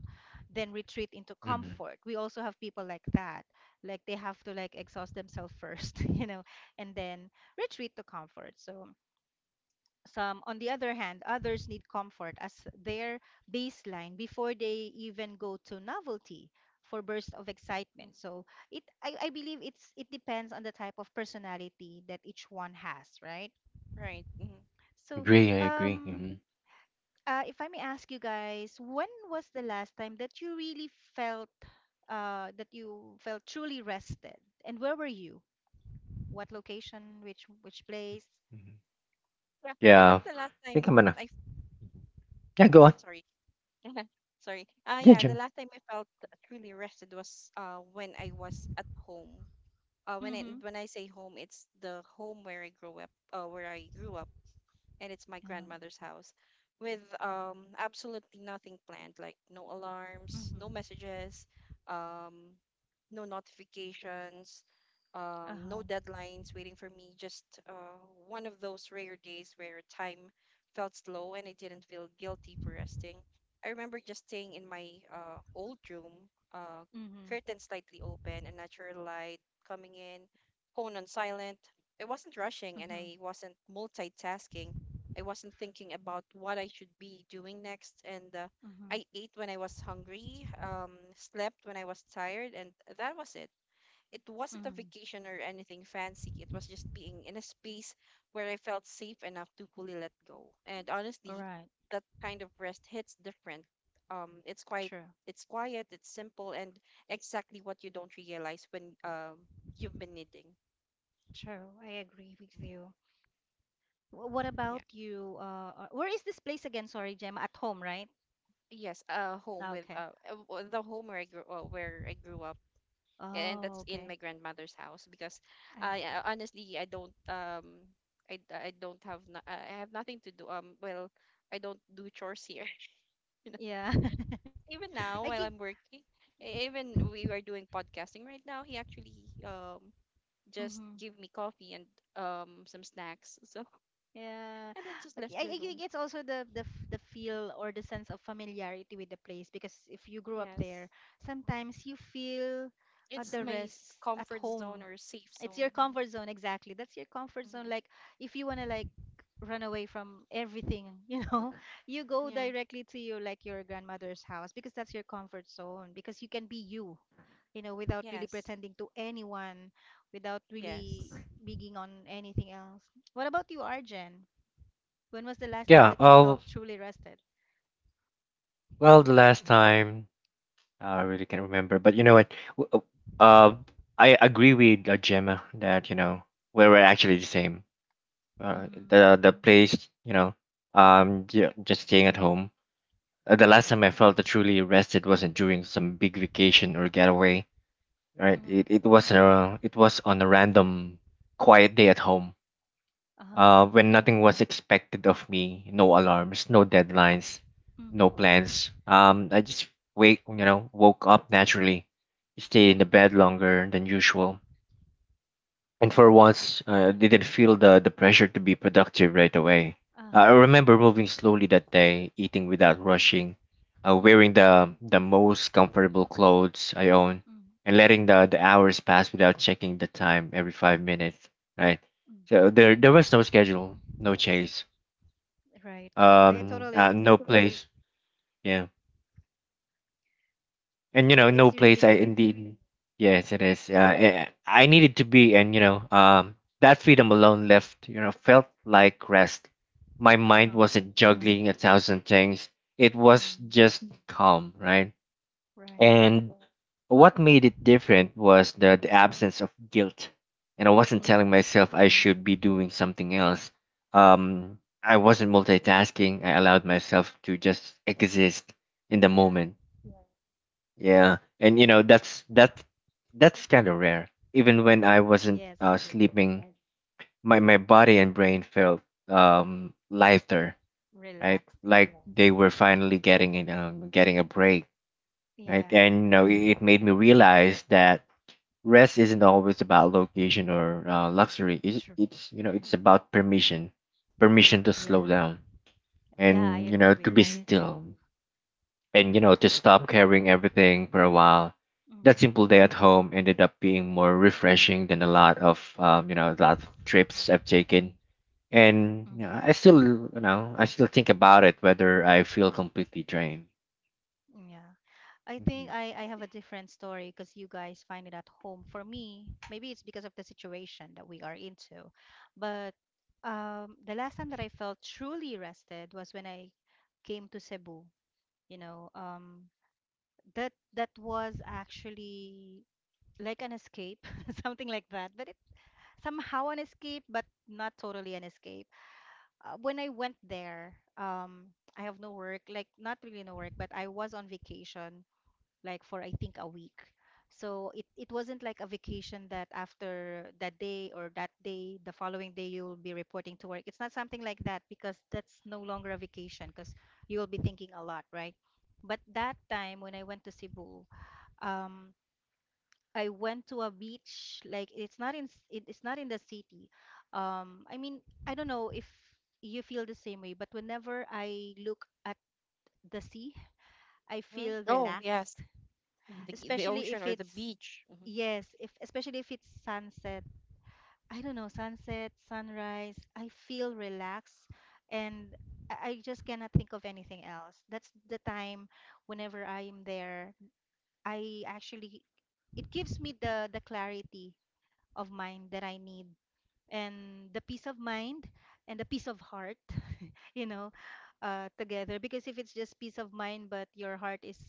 [SPEAKER 1] then retreat into
[SPEAKER 3] Hmm.
[SPEAKER 1] comfort. We also have people like that. Like, they have to, like, exhaust themselves first, you know, and then retreat to comfort. So some, on the other hand, others need comfort as their baseline before they even go to novelty for bursts of
[SPEAKER 2] Mm.
[SPEAKER 1] excitement. So it, I, I believe it's it depends on the type of personality that each one has, right?
[SPEAKER 2] Right. Hmm.
[SPEAKER 1] So,
[SPEAKER 3] Agree, I agree.
[SPEAKER 1] um,
[SPEAKER 3] Hmm.
[SPEAKER 1] uh, if I may ask you guys, when was the last time that you really felt, uh, that you felt truly rested, and where were you? What location? Which which place?
[SPEAKER 2] Yeah, I
[SPEAKER 3] Yeah, I
[SPEAKER 2] think the last
[SPEAKER 3] think I'm
[SPEAKER 2] time
[SPEAKER 3] gonna.
[SPEAKER 2] I f-
[SPEAKER 3] Yeah, go on.
[SPEAKER 2] sorry. Sorry. Uh
[SPEAKER 3] Yeah,
[SPEAKER 2] yeah, the
[SPEAKER 3] Jim.
[SPEAKER 2] last time I felt truly rested was uh when I was at home. Uh when
[SPEAKER 1] Mm-hmm.
[SPEAKER 2] I when I say home, it's the home where I grew up, uh where I grew up. And it's my
[SPEAKER 1] Um,
[SPEAKER 2] grandmother's house, with um absolutely nothing planned. Like, no
[SPEAKER 1] mm-hmm.
[SPEAKER 2] alarms, no messages, um no notifications, um
[SPEAKER 1] Uh-huh.
[SPEAKER 2] no deadlines waiting for me, just uh one of those rare days where time felt slow, and I didn't feel guilty for resting. I remember just staying in my uh old room, uh
[SPEAKER 1] Mm-hmm.
[SPEAKER 2] curtains slightly open and natural light coming in, phone on silent. I wasn't rushing and
[SPEAKER 1] Mm-hmm.
[SPEAKER 2] I wasn't multitasking. I wasn't thinking about what I should be doing next. And uh,
[SPEAKER 1] Mhm.
[SPEAKER 2] I ate when I was hungry, um, slept when I was tired, and that was it. It wasn't a
[SPEAKER 1] Mhm.
[SPEAKER 2] vacation or anything fancy. It was just being in a space where I felt safe enough to fully let go. And
[SPEAKER 1] All
[SPEAKER 2] honestly,
[SPEAKER 1] right.
[SPEAKER 2] that kind of rest hits different. Um, it's quite,
[SPEAKER 1] True.
[SPEAKER 2] it's quiet, it's simple, and exactly what you don't realize when um you've been needing.
[SPEAKER 1] True. I agree with you. Wh- What about
[SPEAKER 2] Yeah.
[SPEAKER 1] you? Uh, uh, where is this place again? Sorry, Gemma. At home, right?
[SPEAKER 2] Yes, uh, home
[SPEAKER 1] Ah,
[SPEAKER 2] with
[SPEAKER 1] okay.
[SPEAKER 2] uh, uh, w- the home where I grew uh, where I grew up. And
[SPEAKER 1] Oh,
[SPEAKER 2] that's in
[SPEAKER 1] okay.
[SPEAKER 2] my grandmother's house because,
[SPEAKER 1] I
[SPEAKER 2] I
[SPEAKER 1] see.
[SPEAKER 2] I- honestly, I don't um I, I don't have, no, I have nothing to do. Um well I don't do chores here you know
[SPEAKER 1] Yeah.
[SPEAKER 2] even
[SPEAKER 1] I
[SPEAKER 2] now while
[SPEAKER 1] get.
[SPEAKER 2] I'm working, e- even we are doing podcasting right now. He actually um just
[SPEAKER 1] Mhm.
[SPEAKER 2] gave me coffee and um some snacks so
[SPEAKER 1] Yeah.
[SPEAKER 2] and then just
[SPEAKER 1] Okay.
[SPEAKER 2] left
[SPEAKER 1] I,
[SPEAKER 2] the
[SPEAKER 1] I think
[SPEAKER 2] room.
[SPEAKER 1] it's also the the f- the feel or the sense of familiarity with the place, because if you grew up there,
[SPEAKER 2] Yes,
[SPEAKER 1] sometimes you feel uh,
[SPEAKER 2] it's
[SPEAKER 1] the
[SPEAKER 2] my s-
[SPEAKER 1] rest at
[SPEAKER 2] comfort zone
[SPEAKER 1] home.
[SPEAKER 2] or safe
[SPEAKER 1] It's your
[SPEAKER 2] zone. Mhm.
[SPEAKER 1] comfort zone, exactly. That's your comfort zone.
[SPEAKER 2] Mhm.
[SPEAKER 1] Like if you want to, like, run away from everything, you know, you go
[SPEAKER 2] Yeah.
[SPEAKER 1] directly to your, like, your grandmother's house, because that's your comfort zone, because you can be you, you know, without really
[SPEAKER 2] Yes.
[SPEAKER 1] pretending to anyone, without really
[SPEAKER 2] Yes.
[SPEAKER 1] being on anything else. What about you, Arjen? When was the last time
[SPEAKER 3] Yeah.
[SPEAKER 1] that you
[SPEAKER 3] Oh,
[SPEAKER 1] felt truly rested?
[SPEAKER 3] well, the last time, uh, I really can't remember, but you know what? w- Uh, uh, I agree with uh, Gemma that, you know, we were actually the same. Uh,
[SPEAKER 1] Mm-hmm.
[SPEAKER 3] the the place, you know, um, ju- just staying at home. Uh, the last time I felt truly rested wasn't during some big vacation or getaway, right?
[SPEAKER 1] Mm-hmm.
[SPEAKER 3] It it was a it was on a random quiet day at home
[SPEAKER 1] Uh-huh.
[SPEAKER 3] uh, when nothing was expected of me, no alarms, no deadlines, no
[SPEAKER 1] Mm-hmm.
[SPEAKER 3] plans. Um, I just wake, you know, woke up naturally, stayed in the bed
[SPEAKER 1] Mm-hmm.
[SPEAKER 3] longer than usual, and for once, uh, I didn't feel the, the pressure to be productive right away. Uh,
[SPEAKER 1] Uh-huh.
[SPEAKER 3] I remember moving slowly that day, eating without rushing, uh,
[SPEAKER 1] Mm-hmm.
[SPEAKER 3] wearing the, the most comfortable clothes I own, and letting the, the hours pass without checking the time every five minutes, right? So
[SPEAKER 1] Mm-hmm.
[SPEAKER 3] there, there was no schedule, no chase,
[SPEAKER 1] Right, right, I
[SPEAKER 3] um,
[SPEAKER 1] totally
[SPEAKER 3] uh, no
[SPEAKER 1] agree.
[SPEAKER 3] place. Yeah. And you know,
[SPEAKER 1] It
[SPEAKER 3] no
[SPEAKER 1] it's really
[SPEAKER 3] place, i
[SPEAKER 1] good.
[SPEAKER 3] indeed. Yes it is, uh, eh, i needed to be, and you know, um that freedom alone left, you know, felt like rest. My mind
[SPEAKER 1] Uh-huh.
[SPEAKER 3] wasn't juggling a thousand things, it was
[SPEAKER 1] Mm,
[SPEAKER 3] just calm, right?
[SPEAKER 1] right.
[SPEAKER 3] And what made it different was the, the absence of guilt, and i wasn't telling
[SPEAKER 1] Mm-hmm.
[SPEAKER 3] myself I should be doing something else. um I wasn't multitasking, I allowed myself to just exist in the
[SPEAKER 1] Yeah.
[SPEAKER 3] moment. Yeah, and you know that's that's that's kind of rare. Even when I wasn't
[SPEAKER 1] Yes, I
[SPEAKER 3] uh,
[SPEAKER 1] agree.
[SPEAKER 3] sleeping, my my body and brain felt um lighter, right?
[SPEAKER 1] Relax. Yeah.
[SPEAKER 3] Like they were finally getting it, um, getting a break, right? And you
[SPEAKER 1] Yeah.
[SPEAKER 3] know it, it made me realize that rest isn't always about location or uh, luxury. It's,
[SPEAKER 1] True.
[SPEAKER 3] it's you know it's about permission, permission to slow
[SPEAKER 1] Yeah.
[SPEAKER 3] down,
[SPEAKER 1] Yeah, I
[SPEAKER 3] and you
[SPEAKER 1] agree
[SPEAKER 3] know, to
[SPEAKER 1] with
[SPEAKER 3] be
[SPEAKER 1] you.
[SPEAKER 3] still, and you know, to stop carrying everything for a while.
[SPEAKER 1] Mm,
[SPEAKER 3] That simple day at home ended up being more refreshing than a lot of um, you know a lot of trips
[SPEAKER 1] mhm,
[SPEAKER 3] I've taken, and you
[SPEAKER 1] mhm.
[SPEAKER 3] know, I still, you know, I still think about it whether I feel completely drained.
[SPEAKER 1] Yeah. I think
[SPEAKER 3] Mhm.
[SPEAKER 1] I I have a different story because you guys find it at home. For me, maybe it's because of the situation that we are into. But um the last time that I felt truly rested was when I came to Cebu. You know, um that that was actually like an escape, something like that. But it somehow an escape, but not totally an escape. Uh, when I went there, um, I have no work, like not really no work, but I was on vacation, like for I think a week. So it, it wasn't like a vacation that after that day or that day, the following day you will be reporting to work. It's not something like that, because that's no longer a vacation, because you will be thinking a lot, right? But that time when I went to Cebu, um, I went to a beach. Like it's not in s- it, it's not in the city. Um, I mean, I don't know if you feel the same way, but whenever I look at the sea, I
[SPEAKER 2] Hmm,
[SPEAKER 1] feel
[SPEAKER 2] oh
[SPEAKER 1] relaxed,
[SPEAKER 2] yes, the the
[SPEAKER 1] especially
[SPEAKER 2] ocean
[SPEAKER 1] if
[SPEAKER 2] or the
[SPEAKER 1] it's
[SPEAKER 2] beach. Hmm.
[SPEAKER 1] yes, if especially if it's sunset. I don't know, sunset, sunrise, I feel relaxed, and I I just cannot think of anything else. That's the time whenever I am there, I actually it gives me the the clarity of mind that I need, and the peace of mind, and the peace of heart, you know, uh, together. Because if it's just peace of mind, but your heart is,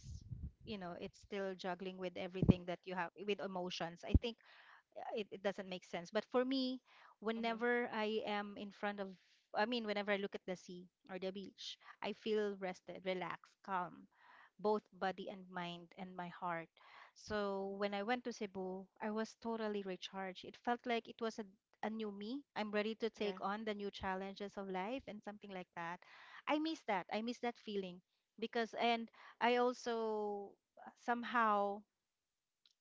[SPEAKER 1] you know, it's still juggling with everything that you have with emotions, I think uh, it, it doesn't make sense. But for me,
[SPEAKER 2] Hmm.
[SPEAKER 1] whenever I am in front of, I mean, whenever I look at the sea or the beach, I feel rested, relaxed, calm, both body and mind and my heart. So when I went to Cebu, I was totally recharged. It felt like it was a, a new me. I'm ready to take
[SPEAKER 2] Yeah.
[SPEAKER 1] on the new challenges of life and something like that. I miss that. I miss that feeling, because, and I also uh, somehow,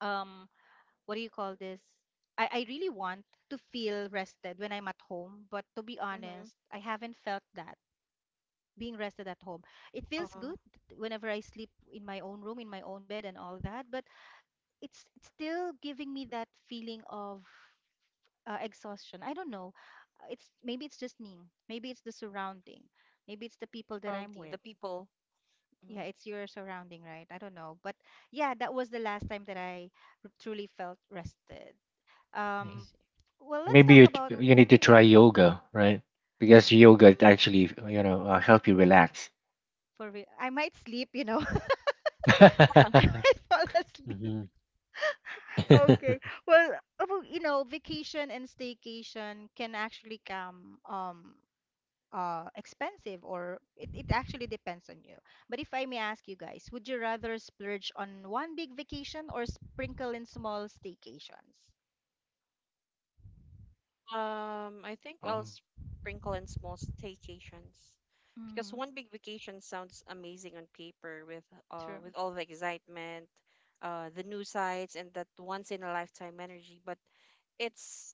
[SPEAKER 1] um, what do you call this? I, I really want to feel rested when I'm at home, but to be
[SPEAKER 2] Hmm.
[SPEAKER 1] honest, I haven't felt that being rested at home. It feels
[SPEAKER 2] Uh-huh.
[SPEAKER 1] good whenever I sleep in my own room, in my own bed, and all that, but it's it's still giving me that feeling of uh, exhaustion. I don't know. Uh, It's maybe it's just me. Maybe it's the surrounding. Maybe it's the people that I'm
[SPEAKER 2] Probably the
[SPEAKER 1] with.
[SPEAKER 2] people. Hmm.
[SPEAKER 1] Yeah, it's your surrounding, right? I don't know. But yeah, that was the last time that I r- truly felt rested.
[SPEAKER 2] I
[SPEAKER 3] Mhm.
[SPEAKER 1] Um,
[SPEAKER 2] see.
[SPEAKER 1] well, let's
[SPEAKER 3] Maybe
[SPEAKER 1] talk
[SPEAKER 3] you t-
[SPEAKER 1] about
[SPEAKER 3] you need to try yoga, right? Because yoga it
[SPEAKER 1] mm,
[SPEAKER 3] actually, you know, uh, help you relax.
[SPEAKER 1] for real. I might sleep, you know. I might fall asleep.
[SPEAKER 3] hmm
[SPEAKER 1] Okay. Well, about- you know, vacation and staycation can actually come um uh expensive, or it, it actually depends on you. But if I may ask you guys, would you rather splurge on one big vacation or sprinkle in small staycations?
[SPEAKER 2] Um, I think I'll
[SPEAKER 3] Um,
[SPEAKER 2] sprinkle in small staycations, because
[SPEAKER 1] Mm-hmm.
[SPEAKER 2] one big vacation sounds amazing on paper, with uh
[SPEAKER 1] True.
[SPEAKER 2] with all the excitement, uh the new sights, and that once in a lifetime energy, but it's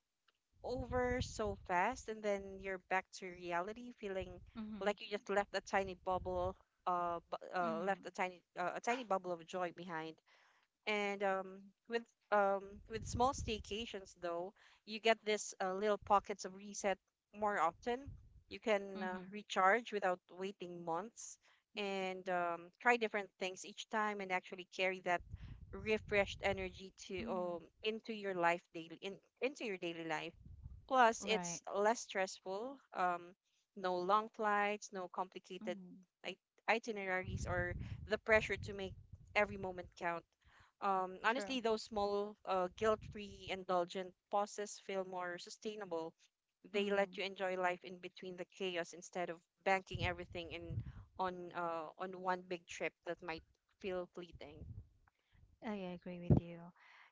[SPEAKER 2] over so fast and then you're back to reality feeling
[SPEAKER 1] Mm-hmm.
[SPEAKER 2] like you just left a tiny bubble, uh, bu- uh
[SPEAKER 1] Mm-hmm.
[SPEAKER 2] left a tiny, uh, a tiny bubble of joy behind. And um with um with small staycations, though, you get this uh, little pockets of reset more often. You can uh,
[SPEAKER 1] Mm-hmm.
[SPEAKER 2] recharge without waiting months and, um, try different things each time, and actually carry that refreshed energy to
[SPEAKER 1] Mm-hmm.
[SPEAKER 2] um into your life daily in into your daily life. Plus,
[SPEAKER 1] Right.
[SPEAKER 2] it's less stressful. Um, no long flights, no complicated
[SPEAKER 1] Mm-hmm.
[SPEAKER 2] it itineraries, or the pressure to make every moment count. Um,
[SPEAKER 1] True.
[SPEAKER 2] honestly, those small, uh, guilt-free, indulgent pauses feel more sustainable. They
[SPEAKER 1] Mm-hmm.
[SPEAKER 2] let you enjoy life in between the chaos instead of banking everything in on uh, on one big trip that might feel fleeting.
[SPEAKER 1] I agree with you.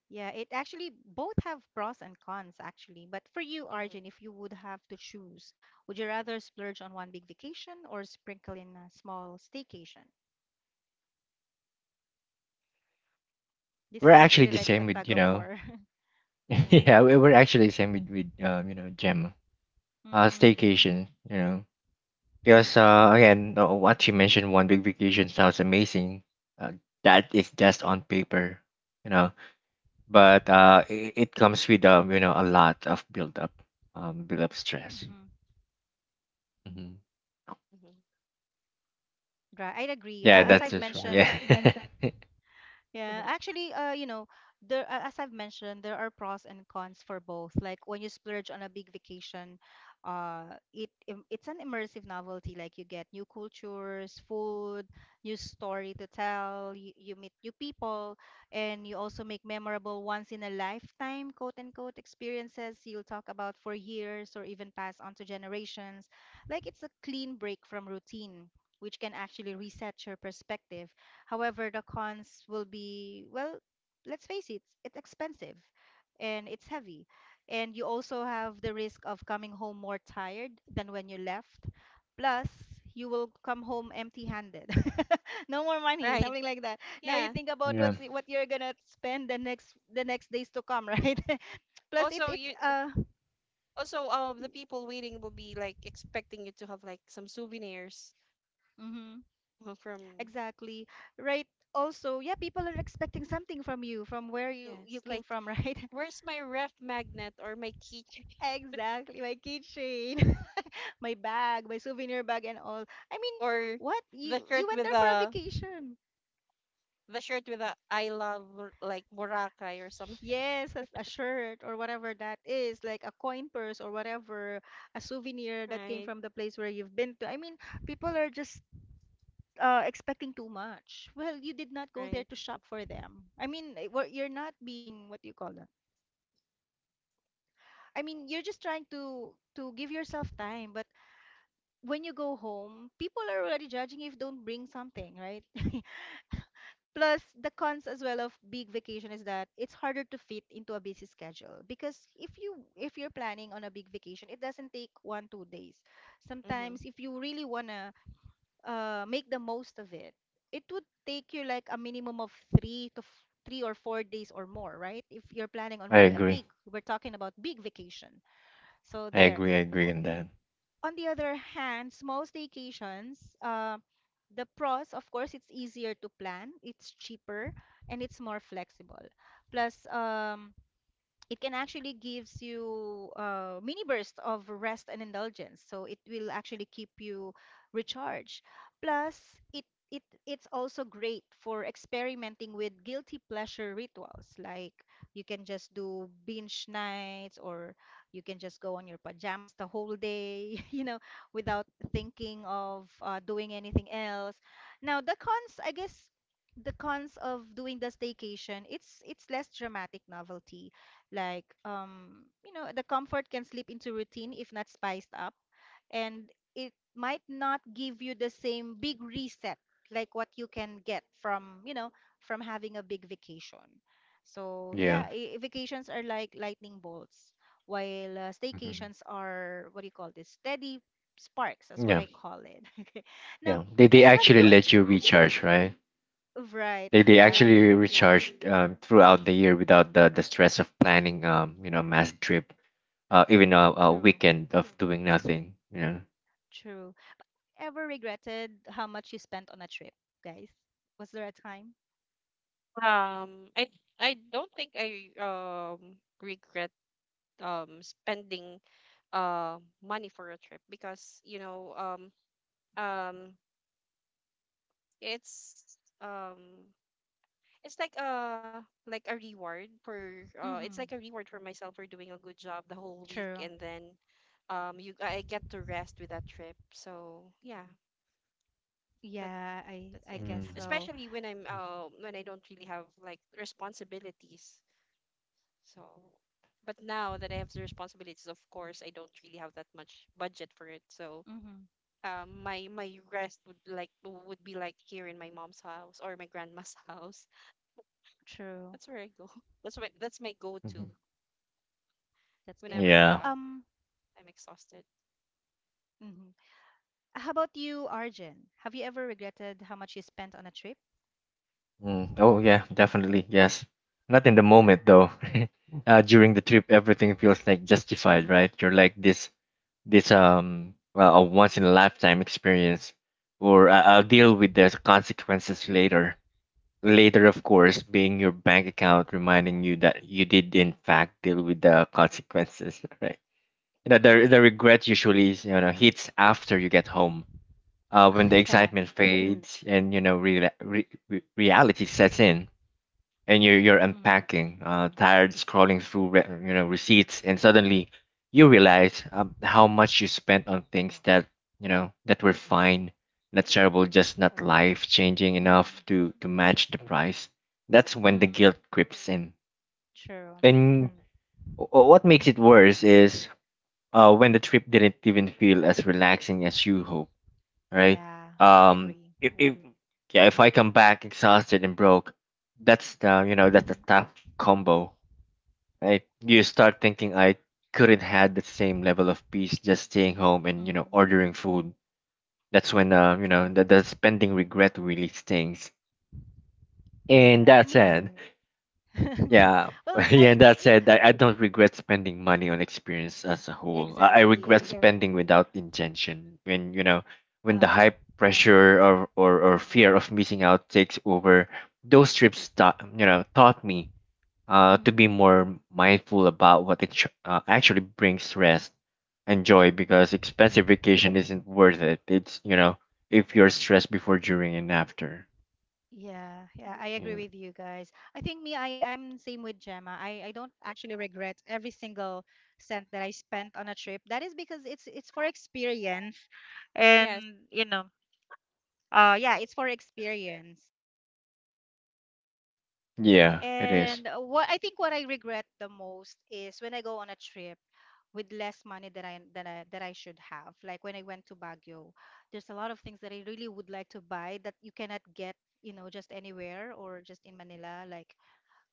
[SPEAKER 1] Yeah, it actually both have pros and cons actually. But for you, Arjun,
[SPEAKER 2] Hmm.
[SPEAKER 1] if you would have to choose, would you rather splurge on one big vacation or sprinkle in a small staycation? This
[SPEAKER 2] I
[SPEAKER 3] we're
[SPEAKER 1] is
[SPEAKER 2] think.
[SPEAKER 3] actually
[SPEAKER 1] actually
[SPEAKER 3] the
[SPEAKER 1] like a
[SPEAKER 3] same, with
[SPEAKER 1] tug
[SPEAKER 3] you
[SPEAKER 1] of
[SPEAKER 3] know.
[SPEAKER 1] war.
[SPEAKER 2] Uh,
[SPEAKER 3] yeah, we- we're actually the same with with um, you know Gemma. Uh, staycation, you know, because uh, again, uh, what you mentioned, one big vacation sounds amazing. Uh, that is just on paper, you know, but uh, it, it comes with um, you know, a lot of build up, um, build up stress.
[SPEAKER 1] Mm-hmm.
[SPEAKER 3] Hmm
[SPEAKER 2] mhm.
[SPEAKER 1] Right, I'd agree.
[SPEAKER 3] Yeah,
[SPEAKER 1] Uh, as
[SPEAKER 3] that's
[SPEAKER 1] I've
[SPEAKER 3] just from, yeah.
[SPEAKER 1] mentioned, Yeah, actually, uh, you know, there a- as I've mentioned, there are pros and cons for both. Like when you splurge on a big vacation, uh, it im- it's an immersive novelty. Like you get new cultures, food, new story to tell. You, you meet new people, and you also make memorable once in a lifetime quote unquote experiences you'll talk about for years or even pass on to generations. Like it's a clean break from routine. Which can actually reset your perspective. However, the cons will be, well, let's face it, it's expensive and it's heavy. And you also have the risk of coming home more tired than when you left. Plus, you will come home empty-handed. No more money,
[SPEAKER 2] Right.
[SPEAKER 1] something like that. Now you
[SPEAKER 2] Yeah.
[SPEAKER 1] think about
[SPEAKER 3] yeah.
[SPEAKER 1] what's what you're gonna spend the next the next days to come, right? Plus, it's
[SPEAKER 2] Also,
[SPEAKER 1] it's
[SPEAKER 2] you
[SPEAKER 1] uh
[SPEAKER 2] also, um, the people waiting will be like, expecting you to have like, some souvenirs
[SPEAKER 1] mhm,
[SPEAKER 2] uh, from
[SPEAKER 1] exactly right. Also, yeah, people are expecting something from you, from where you you
[SPEAKER 2] yes,
[SPEAKER 1] came
[SPEAKER 2] like,
[SPEAKER 1] from, right?
[SPEAKER 2] where's my ref magnet or my keychain?
[SPEAKER 1] Exactly, my keychain, my bag, my souvenir bag, and all. I mean,
[SPEAKER 2] Or
[SPEAKER 1] what
[SPEAKER 2] the
[SPEAKER 1] you you
[SPEAKER 2] shirt
[SPEAKER 1] went
[SPEAKER 2] with
[SPEAKER 1] there for a
[SPEAKER 2] the
[SPEAKER 1] vacation?
[SPEAKER 2] the shirt with the "I love Bur- like Boracay" or something.
[SPEAKER 1] Yes, a, a shirt or whatever that is, like a coin purse or whatever, a souvenir that came
[SPEAKER 2] Right,
[SPEAKER 1] from the place where you've been to. I mean, people are just uh, expecting too much. Well, you did not go there
[SPEAKER 2] right.
[SPEAKER 1] to shop for them. I mean, eh, we you're not being what do you call that? I mean, you're just trying to to give yourself time, but when you go home, people are already judging if don't bring something, right? Plus, the cons as well of big vacation is that it's harder to fit into a busy schedule, because if you if you're planning on a big vacation, it doesn't take one two days.
[SPEAKER 2] Mm-hmm.
[SPEAKER 1] Sometimes, if you really wanna uh, make the most of it, it would take you like a minimum of three to f- three or four days or more, right? If you're planning on
[SPEAKER 3] I
[SPEAKER 1] really a
[SPEAKER 3] agree.
[SPEAKER 1] big, we're talking about big vacation. So
[SPEAKER 3] I
[SPEAKER 1] there
[SPEAKER 3] agree. I agree on that.
[SPEAKER 1] on the other hand, small staycations, uh, the pros, of course, it's easier to plan, it's cheaper, and it's more flexible. Plus, um, it can actually gives you uh, mini bursts of rest and indulgence, so it will actually keep you recharged. Plus it it it's also great for experimenting with guilty pleasure rituals, like you can just do binge nights, or you can just go on your pajamas the whole day, you know, without thinking of uh, doing anything else. Now the cons, I guess, the cons of doing the staycation, it's it's less dramatic novelty. Like, um, you know, the comfort can slip into routine if not spiced up, and it might not give you the same big reset like what you can get from, you know, from having a big vacation. So,
[SPEAKER 3] Yeah.
[SPEAKER 1] yeah, i- vacations are like lightning bolts, while uh,
[SPEAKER 3] Mhm.
[SPEAKER 1] staycations are what do you call this? Steady sparks, that's what
[SPEAKER 3] Yeah,
[SPEAKER 1] I call it. Okay. Now,
[SPEAKER 3] yeah. They they
[SPEAKER 1] guys, have
[SPEAKER 2] Right.
[SPEAKER 3] actually
[SPEAKER 1] you
[SPEAKER 3] let you recharge, right?
[SPEAKER 1] Right,
[SPEAKER 3] They they actually
[SPEAKER 1] exactly.
[SPEAKER 3] recharge um, throughout the year without the, the stress of planning um you know mass trip, uh, even a, a
[SPEAKER 1] True,
[SPEAKER 3] weekend of doing nothing. You know.
[SPEAKER 1] true. Ever regretted how much you spent on a trip, guys? Was there a time?
[SPEAKER 2] Um, I I don't think I um regret um spending uh money for a trip, because, you know um um it's, um it's like, uh like a reward for, uh it's like a
[SPEAKER 1] Mm-hmm.
[SPEAKER 2] reward for myself for doing a good job the whole week,
[SPEAKER 1] True.
[SPEAKER 2] and then, um you I get to rest with that trip. So yeah, but
[SPEAKER 1] Yeah, I
[SPEAKER 2] that's
[SPEAKER 1] I
[SPEAKER 2] it.
[SPEAKER 1] guess
[SPEAKER 3] Mm.
[SPEAKER 1] so.
[SPEAKER 2] Especially when I'm uh when I don't really have like responsibilities. So, but now that I have the responsibilities, of course, I don't really have that much budget for it. So,
[SPEAKER 1] Mm-hmm.
[SPEAKER 2] um my my rest would like would be like, here in my mom's house or my grandma's house.
[SPEAKER 1] True.
[SPEAKER 2] That's where I go. That's my that's my go to
[SPEAKER 3] Mhm.
[SPEAKER 1] That's good.
[SPEAKER 2] whenever,
[SPEAKER 3] Yeah.
[SPEAKER 2] uh,
[SPEAKER 1] Um,
[SPEAKER 2] I'm exhausted.
[SPEAKER 1] mhm. How about you, Arjun? Have you ever regretted how much you spent on a trip?
[SPEAKER 3] Mm. Oh yeah, definitely yes. Not in the moment though. Uh,
[SPEAKER 2] Mhm.
[SPEAKER 3] during the trip, everything feels like justified,
[SPEAKER 1] Mm-hmm.
[SPEAKER 3] right? You're like this this um well a once in a lifetime experience, or I- I'll deal
[SPEAKER 1] Mm-hmm.
[SPEAKER 3] with the consequences later. Later, of course, being your bank account reminding you that you did in fact deal with the consequences. You know, the the
[SPEAKER 1] Mm-hmm.
[SPEAKER 3] regret usually, is, you know, hits after you get home, uh,
[SPEAKER 1] Oh,
[SPEAKER 3] when the
[SPEAKER 1] yeah.
[SPEAKER 3] excitement fades and you know re- re- re- reality sets in, and you're you're
[SPEAKER 1] Mm-hmm.
[SPEAKER 3] unpacking, uh, tired, scrolling through re- you know receipts, and suddenly you realize um, how much you spent on things that, you know, that were fine, not terrible, just not life changing
[SPEAKER 1] Mm-hmm.
[SPEAKER 3] enough to to match the price. That's when the
[SPEAKER 1] Mm-hmm.
[SPEAKER 3] guilt creeps in,
[SPEAKER 1] True.
[SPEAKER 3] and what makes it worse is uh, when the trip didn't even feel as relaxing as you hope, right?
[SPEAKER 1] Yeah, I
[SPEAKER 3] Um,
[SPEAKER 1] agree.
[SPEAKER 3] if, if yeah, if I come back exhausted and broke, that's the, you know, that's the tough combo, right? You start thinking I couldn't had the same level of peace just staying home and you know
[SPEAKER 1] Mm-hmm.
[SPEAKER 3] ordering food. That's when
[SPEAKER 1] Mm-hmm.
[SPEAKER 3] uh, you know the, the spending regret really stings. And
[SPEAKER 1] Yeah,
[SPEAKER 3] that
[SPEAKER 1] me.
[SPEAKER 3] said, yeah,
[SPEAKER 1] Well, I, I
[SPEAKER 3] yeah. And
[SPEAKER 1] think
[SPEAKER 3] that said, I, I don't regret spending money on experience as a whole. I, I regret
[SPEAKER 1] exactly.
[SPEAKER 3] spending without intention when, you know, when the
[SPEAKER 1] Uh,
[SPEAKER 3] hype, pressure, or or, or fear of missing out takes over. Those trips taught, you know, taught me uh to be
[SPEAKER 1] Mm,
[SPEAKER 3] more mindful about what it ch- uh, actually brings rest and joy,
[SPEAKER 1] true.
[SPEAKER 3] because expensive vacation isn't worth it. It's, you know, if you're stressed before, during, and after.
[SPEAKER 1] Yeah, yeah, I agree
[SPEAKER 3] Yeah,
[SPEAKER 1] with you guys. I think me, I, I'm same with Gemma. I, I don't actually regret every single cent that I spent on a trip. That is because it's it's for experience.
[SPEAKER 2] Yes.
[SPEAKER 1] And you know, uh
[SPEAKER 2] Mhm.
[SPEAKER 1] yeah, it's for experience.
[SPEAKER 2] and
[SPEAKER 3] yeah it is.
[SPEAKER 1] And uh, what I think what I regret the most is when I go on a trip with less money that I that I that I should have. Like when I went to Baguio, there's a lot of things that I really would like to buy that you cannot get, you know, just anywhere or just in Manila. Like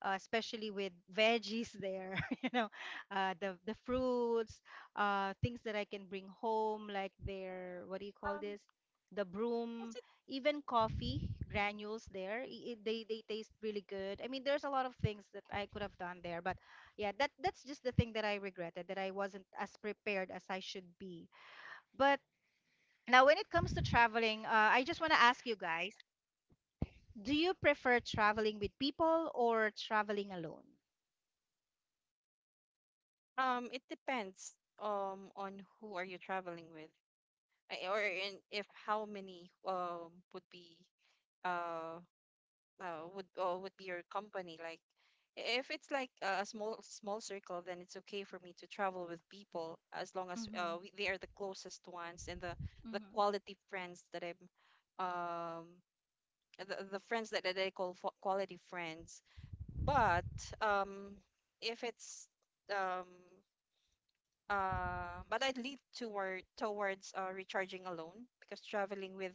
[SPEAKER 1] uh, especially with veggies there, you know, uh, the the fruits, uh, things that I can bring home, like their what do you call
[SPEAKER 2] um,
[SPEAKER 1] this, the
[SPEAKER 2] yes,
[SPEAKER 1] broom,
[SPEAKER 2] it
[SPEAKER 1] even coffee granules there i- i- they they taste really good. I mean, there's a lot of things that I could have done there, but yeah, that that's just the thing that I regretted, that I wasn't as prepared as I should be. But now, when it comes to traveling, uh, I just want to ask you guys, do you prefer traveling with people or traveling alone?
[SPEAKER 2] um it depends, um on who are you traveling with, I- or in if how many um would be uh, uh would uh, would be your company. Like, i- if it's like a a small small circle, then it's okay for me to travel with people, as long as, uh
[SPEAKER 1] Mm-hmm.
[SPEAKER 2] we, they are the closest ones and the the
[SPEAKER 1] Mhm.
[SPEAKER 2] quality friends that I'm um the, the friends that that they call fo- quality friends. But um, if it's um, uh, but I lead toward towards, uh, recharging alone, because traveling with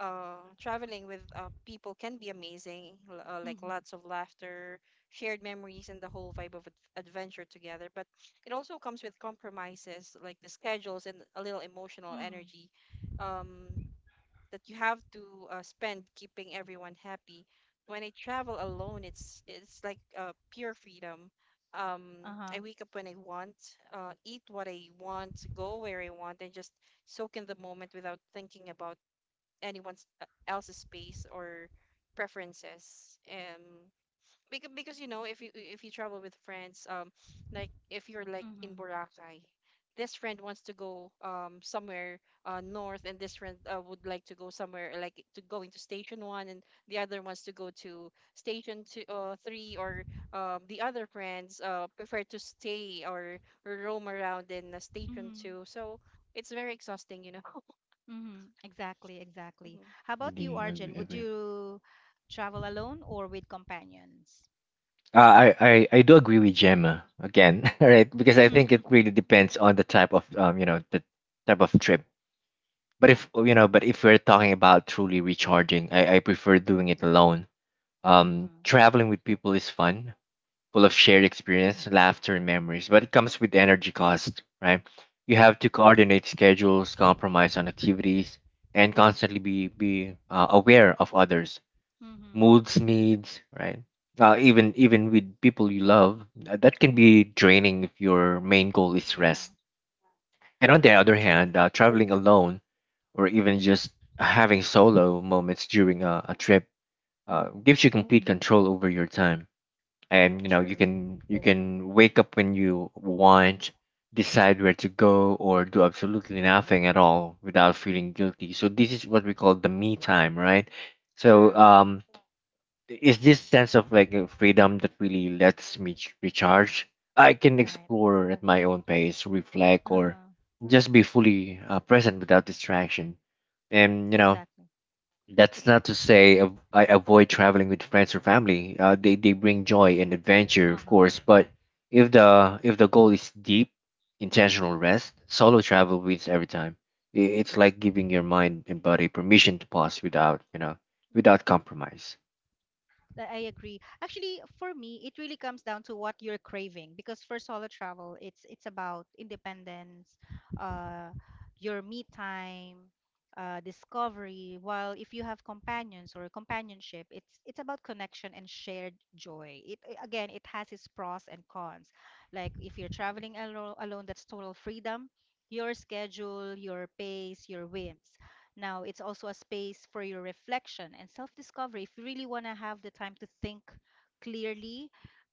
[SPEAKER 2] uh, traveling with, uh, people can be amazing, l- uh, like,
[SPEAKER 1] Mhm.
[SPEAKER 2] lots of laughter, shared memories, and the whole vibe of ad- adventure together. But it also comes with compromises, like the schedules and a little emotional
[SPEAKER 1] Mm.
[SPEAKER 2] energy. Um, that you have to, uh, spend keeping everyone happy. When I travel alone, it's it's like, uh, pure freedom. Um,
[SPEAKER 1] Uh-huh.
[SPEAKER 2] I wake up when I want, uh, eat what I want, go where I want, and just soak in the moment without thinking about anyone's, uh, else's space or preferences. Um, because because you know if you if you travel with friends, um like, if you're like in
[SPEAKER 1] Mhm.
[SPEAKER 2] Boracay, this friend wants to go um somewhere uh north, and this friend, uh, would like to go somewhere, like, to going to Station one, and the other wants to go to Station two, uh, three, or, um the other friends, uh prefer to stay or roam around in, uh, Station
[SPEAKER 1] Mhm.
[SPEAKER 2] two, so it's very exhausting, you know
[SPEAKER 1] Mhm. Exactly, exactly.
[SPEAKER 2] Mhm.
[SPEAKER 1] How about you,
[SPEAKER 3] Really, I agree.
[SPEAKER 1] Arjun? Would
[SPEAKER 3] Agree.
[SPEAKER 1] you travel alone or with companions?
[SPEAKER 3] Uh, I, I I do agree with Gemma again, right? Because I
[SPEAKER 1] Mhm.
[SPEAKER 3] think it really depends on the type of um you know the type of trip. But
[SPEAKER 1] Yeah.
[SPEAKER 3] if you know, but if we're talking about truly recharging, I, I prefer doing it alone. Um,
[SPEAKER 1] Mhm.
[SPEAKER 3] traveling with people is fun, full of shared
[SPEAKER 1] Yeah.
[SPEAKER 3] experience, laughter, and memories. But it comes with energy cost, right? You have to coordinate schedules, compromise on activities, and constantly be be uh, aware of others'
[SPEAKER 1] Mhm.
[SPEAKER 3] moods, needs, right? Uh, even even with people you love, uh, that can be draining if your main goal is
[SPEAKER 1] Yeah.
[SPEAKER 3] rest. And on the other hand, uh,
[SPEAKER 1] Exactly.
[SPEAKER 3] traveling alone or even just having solo moments during a, a trip uh,
[SPEAKER 1] Mhm.
[SPEAKER 3] gives you complete control over your time. And you know you
[SPEAKER 1] True.
[SPEAKER 3] can, you can wake up when you want, decide where to go, or do absolutely nothing at all without feeling guilty. So this is what we call the me time, right? So
[SPEAKER 1] True.
[SPEAKER 3] um, it's this sense of like uh, freedom that really lets me ch- recharge. I can
[SPEAKER 1] Right.
[SPEAKER 3] explore at my own pace, reflect, or
[SPEAKER 1] Uh-huh.
[SPEAKER 3] just be fully uh, present without distraction. And you know,
[SPEAKER 1] Exactly.
[SPEAKER 3] that's not to say av- I avoid traveling with friends or family. Uh, they they bring joy and adventure, of
[SPEAKER 1] Uh-huh.
[SPEAKER 3] course. But if the if the goal is deep, intentional rest, solo travel wins every time. I- It's like giving your mind and body permission to pause without, you know, without compromise.
[SPEAKER 1] That I agree. Actually, for me, it really comes down to what you're craving because for solo travel, it's it's about independence, uh, your me time, uh, discovery. While if you have companions or companionship, it's it's about connection and shared joy. It i- again, it has its pros and cons. Like if you're traveling alo alone, that's total freedom, your schedule, your pace, your whims. Now, it's also a space for your reflection and self discovery. If you really want to have the time to think clearly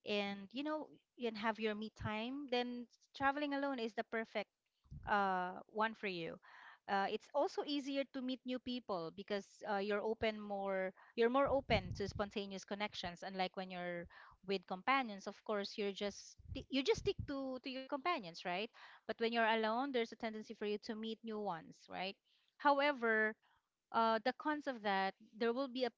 [SPEAKER 1] and you know and have your me time, then traveling alone is the perfect uh, one for you. Uh, it's also easier to meet new people because uh, you're open more you're more open to spontaneous connections, unlike when you're with companions. Of course, you're just you just stick to to your companions, right? But when you're alone, there's a tendency for you to meet new ones, right? However, uh, the cons of that, there will be a,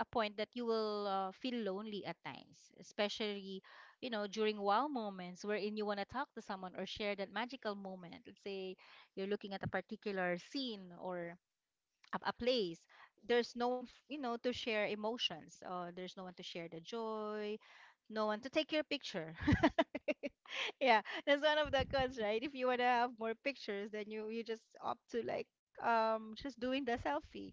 [SPEAKER 1] a point that you will uh, feel lonely at times, especially, you know, during wow moments wherein you want to talk to someone or share that magical moment. Let's say you're looking at a particular scene or a, a place. There's no one, f- you know, to share emotions. Uh, there's no one to share the joy, no one to take your picture. Yeah, that's one of the cons, right? If you want to have more pictures, then you you just opt to like um just doing the selfie.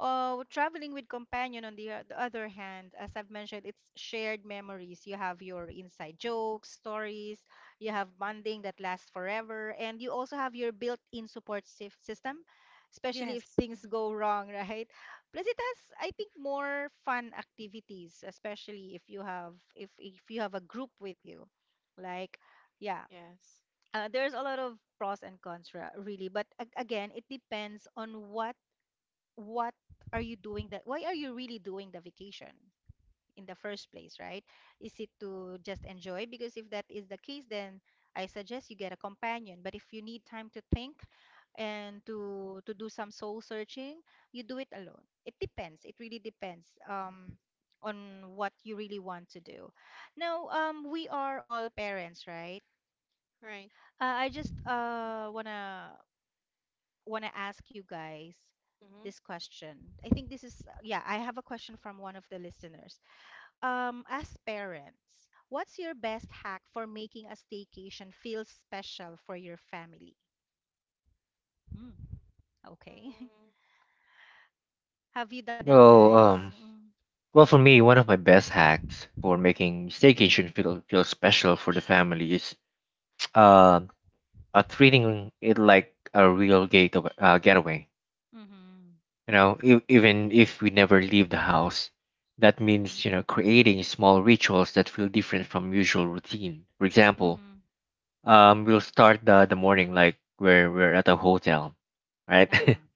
[SPEAKER 1] Oh, traveling with companion on the, o- the other hand, as I've mentioned, it's shared memories. You have your inside jokes, stories, you have bonding that lasts forever, and you also have your built-in support sys- system, especially if
[SPEAKER 2] Yes.
[SPEAKER 1] things
[SPEAKER 2] Mhm.
[SPEAKER 1] go wrong, right? Plus, it has, I think, more fun activities, especially if you have if if you have a group with you. Like, yeah,
[SPEAKER 2] Yes.
[SPEAKER 1] uh, there's a lot of pros and cons, ra- really, but a- again, it depends on what what are you doing, that why are you really doing the vacation in the first place, right? Is it to just enjoy? Because if that is the case, then I suggest you get a companion. But if you need time to think and to to do some soul searching, you do it alone. It depends. It really depends, um on what you really want to do. Now, um we are all parents, right?
[SPEAKER 2] Right.
[SPEAKER 1] uh, I just uh want to want to ask you guys this question. I think this is, yeah, I have a question from one of the listeners. Um, as parents, what's your best hack for making a staycation feel special for your family? Hmm, okay. Have you done this,
[SPEAKER 3] Well,
[SPEAKER 1] guys?
[SPEAKER 3] um,
[SPEAKER 1] Mm,
[SPEAKER 3] well, for me, one of my best hacks for making staycation feel feel special for the family is uh, uh treating it like a real gate of, uh, getaway.
[SPEAKER 1] mm-hmm.
[SPEAKER 3] You know, e- even if we never leave the house, that
[SPEAKER 1] Mm-hmm.
[SPEAKER 3] means, you know, creating small rituals that feel different from usual routine. For example,
[SPEAKER 1] Mm-hmm.
[SPEAKER 3] um, we'll start the the morning like we're we're at a hotel, right?
[SPEAKER 1] Uh-huh.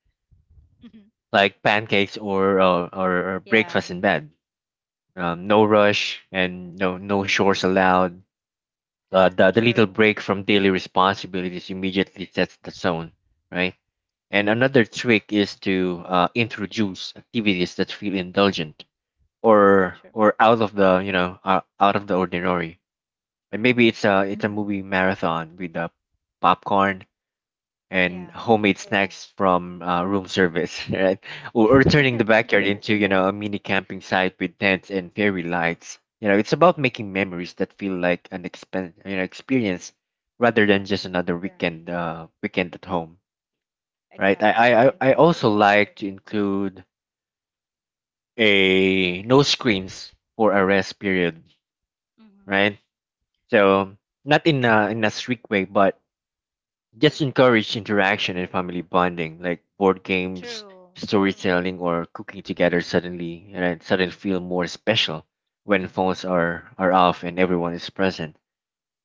[SPEAKER 1] Mhm.
[SPEAKER 3] like pancakes, or or or or
[SPEAKER 1] Yeah,
[SPEAKER 3] breakfast in bed. Um, no rush and no no chores allowed. Uh, the, the little
[SPEAKER 1] true.
[SPEAKER 3] break from daily responsibilities immediately sets the tone, right? And another trick is to uh, introduce activities that feel indulgent or
[SPEAKER 1] True.
[SPEAKER 3] or out of the, you know, uh, out of the ordinary. And maybe
[SPEAKER 1] Mm-hmm.
[SPEAKER 3] it's a it's a movie marathon with uh popcorn, and
[SPEAKER 1] Yeah.
[SPEAKER 3] homemade snacks from uh, room service, right? Or, or turning the backyard into, you know, a mini camping site with tents and fairy lights. You know, it's about making memories that feel like an expen- you know experience rather than just
[SPEAKER 1] Exactly.
[SPEAKER 3] another weekend uh, weekend at home, right? I,
[SPEAKER 1] Exactly.
[SPEAKER 3] I I
[SPEAKER 1] I, I
[SPEAKER 3] I
[SPEAKER 1] totally.
[SPEAKER 3] also like to include a no screens for a rest period,
[SPEAKER 1] Mm-hmm.
[SPEAKER 3] right? So not in a in a strict way, but just encourage interaction and family bonding, like board games,
[SPEAKER 1] True.
[SPEAKER 3] storytelling, or cooking together. Suddenly, and suddenly feel more special when phones are are off and everyone is present.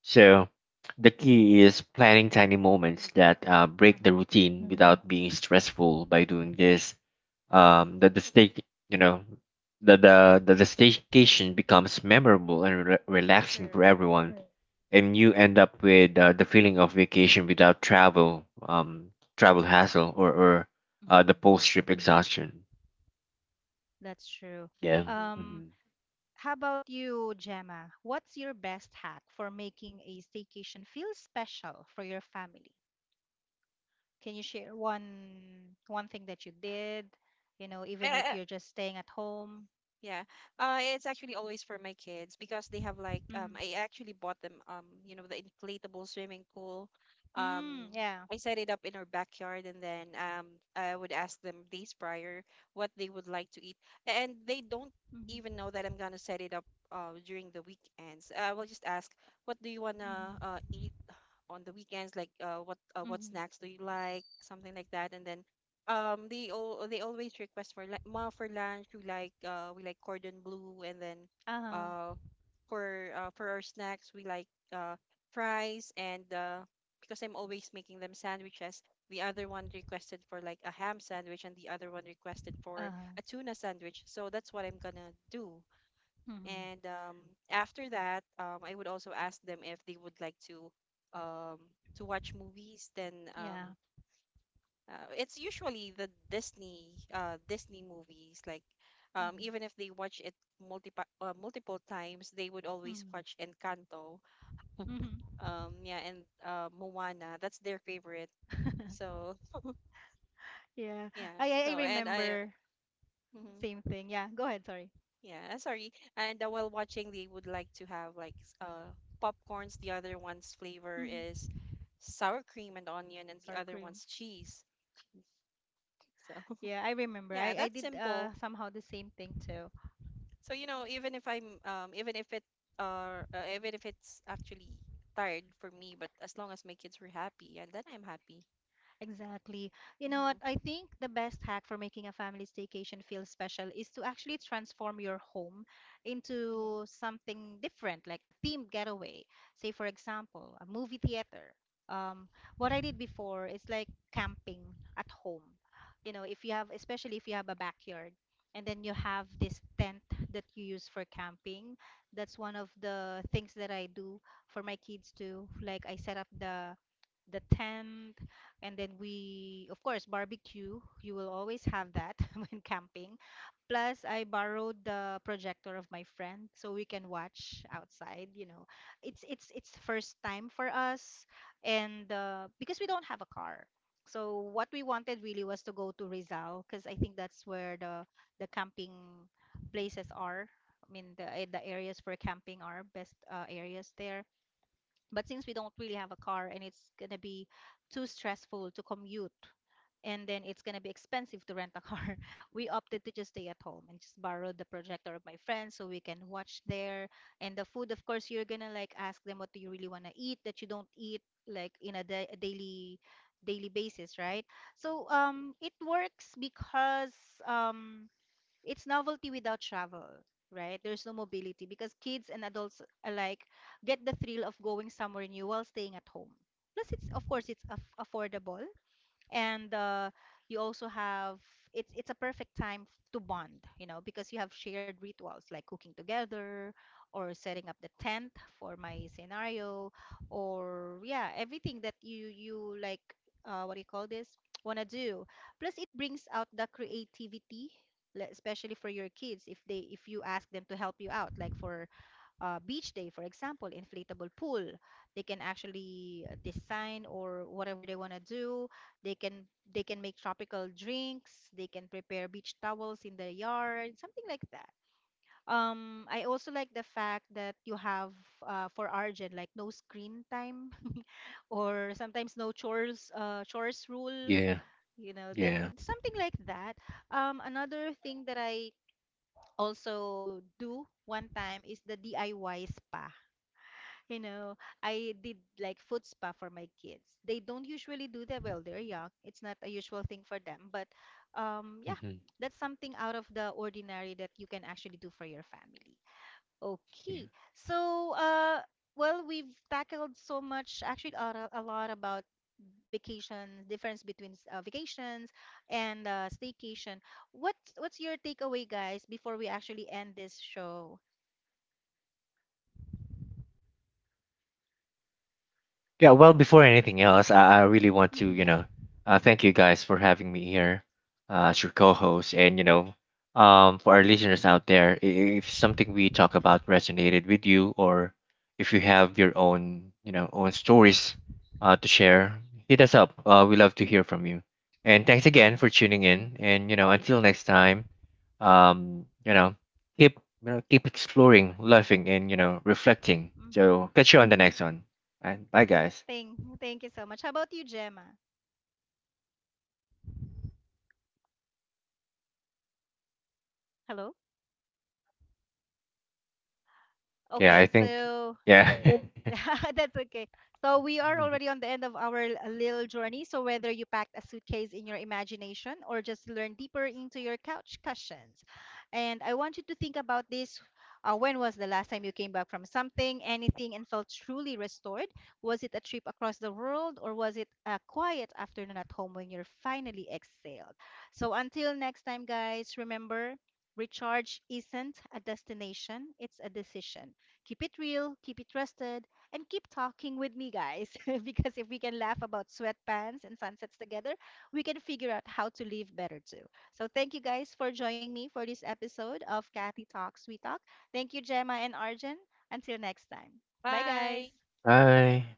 [SPEAKER 3] So, the key is planning tiny moments that uh, break the
[SPEAKER 1] Uh-huh.
[SPEAKER 3] routine without being stressful. By doing this, um the the stake you know the the the, the staycation becomes memorable and re- relaxing for
[SPEAKER 1] True.
[SPEAKER 3] everyone. Right. And you end up with uh, the feeling of vacation without travel um travel hassle, or or uh, the
[SPEAKER 1] Mhm.
[SPEAKER 3] post trip exhaustion.
[SPEAKER 1] That's true.
[SPEAKER 3] Yeah.
[SPEAKER 1] Um,
[SPEAKER 3] Mhm.
[SPEAKER 1] how about you, Gemma? What's your best hack for making a staycation feel special for your family? Can you share one one thing that you did, you know, even if
[SPEAKER 2] Hmm.
[SPEAKER 1] you're just staying at home?
[SPEAKER 2] Yeah. Uh, it's actually always for my kids, because they have, like,
[SPEAKER 1] Mm-hmm.
[SPEAKER 2] um I actually bought them, um you know the inflatable swimming pool. Um
[SPEAKER 1] Mm, yeah.
[SPEAKER 2] I set it up in our backyard, and then, um I would ask them days prior what they would like to eat. And they don't even
[SPEAKER 1] Mm-hmm.
[SPEAKER 2] know that I'm gonna set it up uh during the weekends. I will just ask, what do you wanna uh
[SPEAKER 1] Mm-hmm.
[SPEAKER 2] eat on the weekends, like, uh, what uh, what
[SPEAKER 1] Mm-hmm.
[SPEAKER 2] snacks do you like, something like that. And then, um they all they always request for, like, ma for lunch we like, uh we like cordon bleu. And then,
[SPEAKER 1] Uh-huh.
[SPEAKER 2] uh for uh, for our snacks we like, uh fries. And, uh because I'm always making them sandwiches, the other one requested for like a ham sandwich, and the other one requested for
[SPEAKER 1] Uh-huh.
[SPEAKER 2] a tuna sandwich, so that's what I'm gonna do.
[SPEAKER 1] Mm-hmm.
[SPEAKER 2] And, um, after that, um, I would also ask them if they would like to, um, to watch movies. Then, um,
[SPEAKER 1] Yeah.
[SPEAKER 2] uh, it's usually the Disney, uh, Disney movies. Like, um,
[SPEAKER 1] Mm-hmm.
[SPEAKER 2] even if they watch it multiple uh, multiple times, they would always watch Encanto.
[SPEAKER 1] Mm-hmm.
[SPEAKER 2] Um, yeah, and, uh, Moana. That's their favorite.
[SPEAKER 1] Mm-hmm.
[SPEAKER 2] So
[SPEAKER 1] Yeah.
[SPEAKER 2] yeah.
[SPEAKER 1] I I I
[SPEAKER 2] So and I.
[SPEAKER 1] remember
[SPEAKER 2] Mhm.
[SPEAKER 1] same thing. Yeah. Go ahead, sorry.
[SPEAKER 2] Yeah, sorry. And, uh, while watching, they would like to have, like, s- uh popcorns. The other one's flavor
[SPEAKER 1] Mm-hmm.
[SPEAKER 2] is sour cream and onion, and the
[SPEAKER 1] Sour
[SPEAKER 2] other
[SPEAKER 1] cream.
[SPEAKER 2] one's cheese.
[SPEAKER 1] Jeez.
[SPEAKER 2] So
[SPEAKER 1] Yeah, I remember.
[SPEAKER 2] yeah,
[SPEAKER 1] I I
[SPEAKER 2] that's
[SPEAKER 1] did
[SPEAKER 2] simple.
[SPEAKER 1] uh somehow the same thing too.
[SPEAKER 2] So, you know, even if I'm um even if it uh, uh even if it's actually tired for me, but as long as my kids were happy, and then I'm happy.
[SPEAKER 1] Exactly. You know what?
[SPEAKER 2] Mm-hmm.
[SPEAKER 1] I think the best hack for making a family staycation feel special is to actually transform your home
[SPEAKER 2] Mm-hmm.
[SPEAKER 1] into something different, like a themed getaway. Say, for example, a movie theater. Um, what I did before is like camping at home. You know, if you have, especially if you have a backyard, and then you have this tent that you use for camping. That's one of the things that I do for my kids too. Like I set up the the tent, and then we, of course, barbecue. You will always have that when camping. Plus, I borrowed the projector of my friend so we can watch outside. You know, it's it's it's first time for us, and uh, because we don't have a car, so what we wanted really was to go to Rizal because I think that's where the the camping places are. I mean, the eh, the areas for camping are best uh, areas there. But since we don't really have a car and it's going to be too stressful to commute, and then it's going to be expensive to rent a car, we opted to just stay at home and just borrow the projector of my friends so we can watch there. And the food, of course, you're going to like ask them what do you really want to eat that you don't eat like in a, da- a daily daily basis, right? So um it works because um it's novelty without travel, right? There's no mobility because kids and adults alike get the thrill of going somewhere new while staying at home. Plus, it's of course it's aff affordable, and uh, you also have it's it's a perfect time f- to bond, you know, because you have shared rituals like cooking together or setting up the tent, for my scenario, or yeah, everything that you you like, uh, what do you call this, want to do. Plus it brings out the creativity, le- especially for your kids, if they if you ask them to help you out, like for uh, beach day, for example, inflatable pool. They can actually design or whatever they want to do. They can they can make tropical drinks. They can prepare beach towels in the yard, something like that. Um, I also like the fact that you have uh, for Argent, like no screen time or sometimes no chores uh, chores rule.
[SPEAKER 3] yeah
[SPEAKER 1] You know, that
[SPEAKER 3] yeah
[SPEAKER 1] something like that. Um, another thing that I also do one time is the D I Y spa. You know, I did like foot spa for my kids. They don't usually do that while they're young. It's not a usual thing for them, but um yeah,
[SPEAKER 3] hmm
[SPEAKER 1] that's something out of the ordinary that you can actually do for your family. Okay. So, uh well, we've tackled so much, actually a, a lot about vacations, difference between uh, vacations and uh, staycation. What's what's your takeaway, guys, before we actually end this show?
[SPEAKER 3] Yeah, well, before anything else, I, I really want to, you
[SPEAKER 1] Mm-hmm.
[SPEAKER 3] know, uh, thank you guys for having me here uh, as your co-host, and you know, um, for our listeners out there, i- if something we talk about resonated with you, or if you
[SPEAKER 1] Mm-hmm.
[SPEAKER 3] have your own, you know, own stories uh, to share, hit us up. Uh, we love to hear from you. And thanks again
[SPEAKER 1] Yes.
[SPEAKER 3] for tuning in. And you know, until next time, um, you know, keep, you know, keep exploring, laughing, and you know, reflecting. So
[SPEAKER 1] Mm-hmm.
[SPEAKER 3] catch you on the next one. Bye, bye guys.
[SPEAKER 1] Thank, thank you so much. How about you, Gemma? Hello?
[SPEAKER 3] Yeah, I
[SPEAKER 1] Okay,
[SPEAKER 3] think.
[SPEAKER 1] so
[SPEAKER 3] Yeah.
[SPEAKER 1] that's okay. So we are
[SPEAKER 3] Mhm.
[SPEAKER 1] already on the end of our l- little journey. So whether you packed a suitcase in your imagination or just learn deeper into your couch cushions, and I want you to think about this. Uh, when was the last time you came back from something, anything, and felt truly restored? Was it a trip across the world, or was it a quiet afternoon at home when you're finally exhaled? So until next time, guys, remember, recharge isn't a destination; it's a decision. Keep it real, keep it trusted, and keep talking with me, guys, because if we can laugh about sweatpants and sunsets together, we can figure out how to live better too. So thank you guys for joining me for this episode of Kathy Talks We Talk. Thank you, Gemma and Arjun. Until next time. Bye,
[SPEAKER 2] Bye.
[SPEAKER 1] guys.
[SPEAKER 3] Bye.